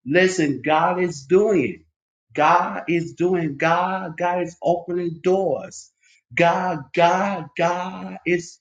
C: Listen, God is doing. God is doing. God, God is opening doors. God, God, God is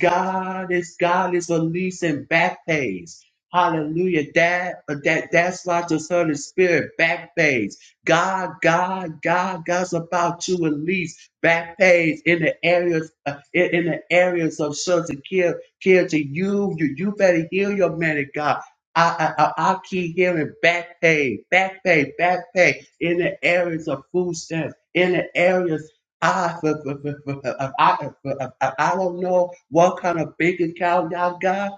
C: God is God is releasing back pays. Hallelujah. That that that's why I just heard the spirit back pays. God, God, God, God's about to release back pays in the areas uh, in, in the areas of shelter care care to you. You you better heal your man of God. I, I, I I keep hearing back pay, back pay, back pay in the areas of food stamps, in the areas I, f- f- f- f- I, I, I I don't know what kind of bank account y'all got.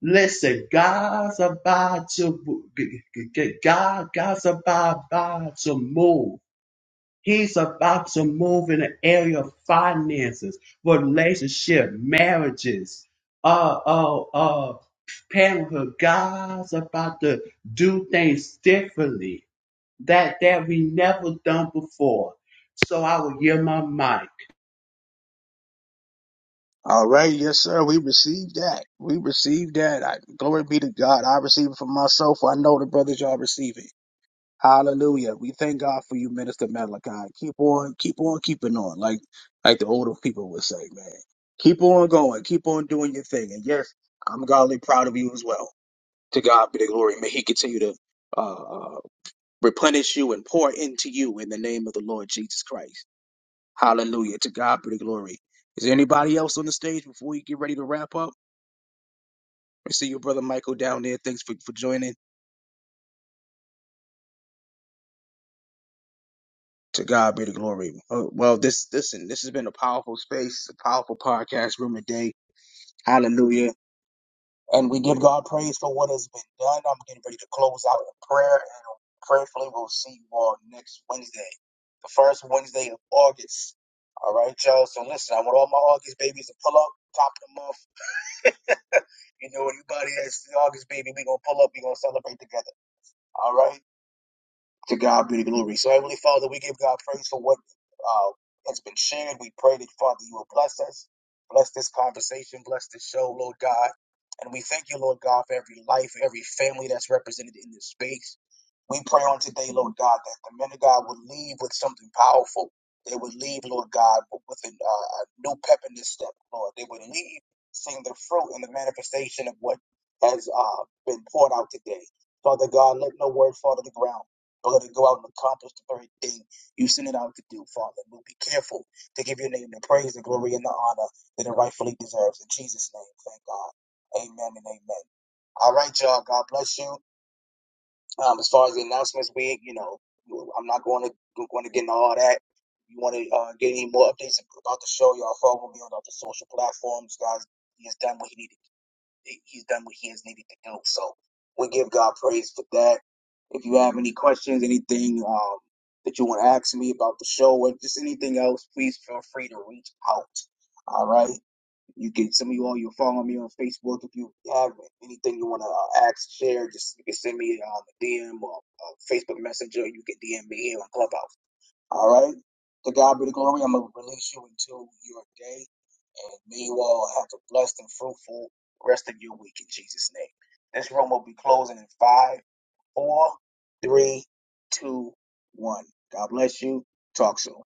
C: Listen, God's about to, God, God's about, about to move. He's about to move in the area of finances, relationship, marriages, uh, uh, uh, parenthood. God's about to do things differently that that we never done before. So I will give my mind.
A: All right, yes, sir. We received that. We received that. I, glory be to God. I receive it for myself. I know the brothers y'all receive it. Hallelujah. We thank God for you, Minister Malachi. Keep on, keep on keeping on. Like, like the older people would say, man. Keep on going. Keep on doing your thing. And yes, I'm godly proud of you as well. To God be the glory. May He continue to uh, uh, replenish you and pour into you in the name of the Lord Jesus Christ. Hallelujah. To God be the glory. Is there anybody else on the stage before we get ready to wrap up? I see your brother Michael down there. Thanks for, for joining. To God be the glory. Oh, well, this listen, this has been a powerful space, a powerful podcast room today. Hallelujah. And we give God praise for what has been done. I'm getting ready to close out in prayer and prayerfully we'll see you all next Wednesday. The first Wednesday of August. All right, y'all. So listen, I want all my August babies to pull up, top of the month. You know, anybody that's August baby, we gonna pull up. We gonna celebrate together. All right. To God be the glory. So, Heavenly Father, we give God praise for what uh, has been shared. We pray that, Father, you will bless us, bless this conversation, bless this show, Lord God. And we thank you, Lord God, for every life, every family that's represented in this space. We pray on today, Lord God, that the men of God would leave with something powerful. They would leave, Lord God, with an, uh, a new pep in this step, Lord. They would leave seeing the fruit and the manifestation of what has uh, been poured out today. Father God, let no word fall to the ground. Lord, to go out and accomplish the very thing you sent it out to do, Father. We'll be careful to give your name the praise, the glory, and the honor that it rightfully deserves. In Jesus' name, thank God. Amen and amen. All right, y'all. God bless you. Um, as far as the announcements, we, you know, I'm not going to going to get into all that. If you want to uh, get any more updates about the show, y'all follow me on all the social platforms, guys. He has done what he needed he's done what he has needed to do. So we give God praise for that. If you have any questions, anything um, that you want to ask me about the show, or just anything else, please feel free to reach out. All right. You can some of you all you follow me on Facebook. If you have anything you want to uh, ask, share, just you can send me um, a DM or a Facebook Messenger. You can DM me here on Clubhouse. All right. To God be the glory. I'm gonna release you into your day. And may you all have a blessed and fruitful rest of your week in Jesus' name. This room will be closing in five, four, three, two, one. God bless you. Talk soon.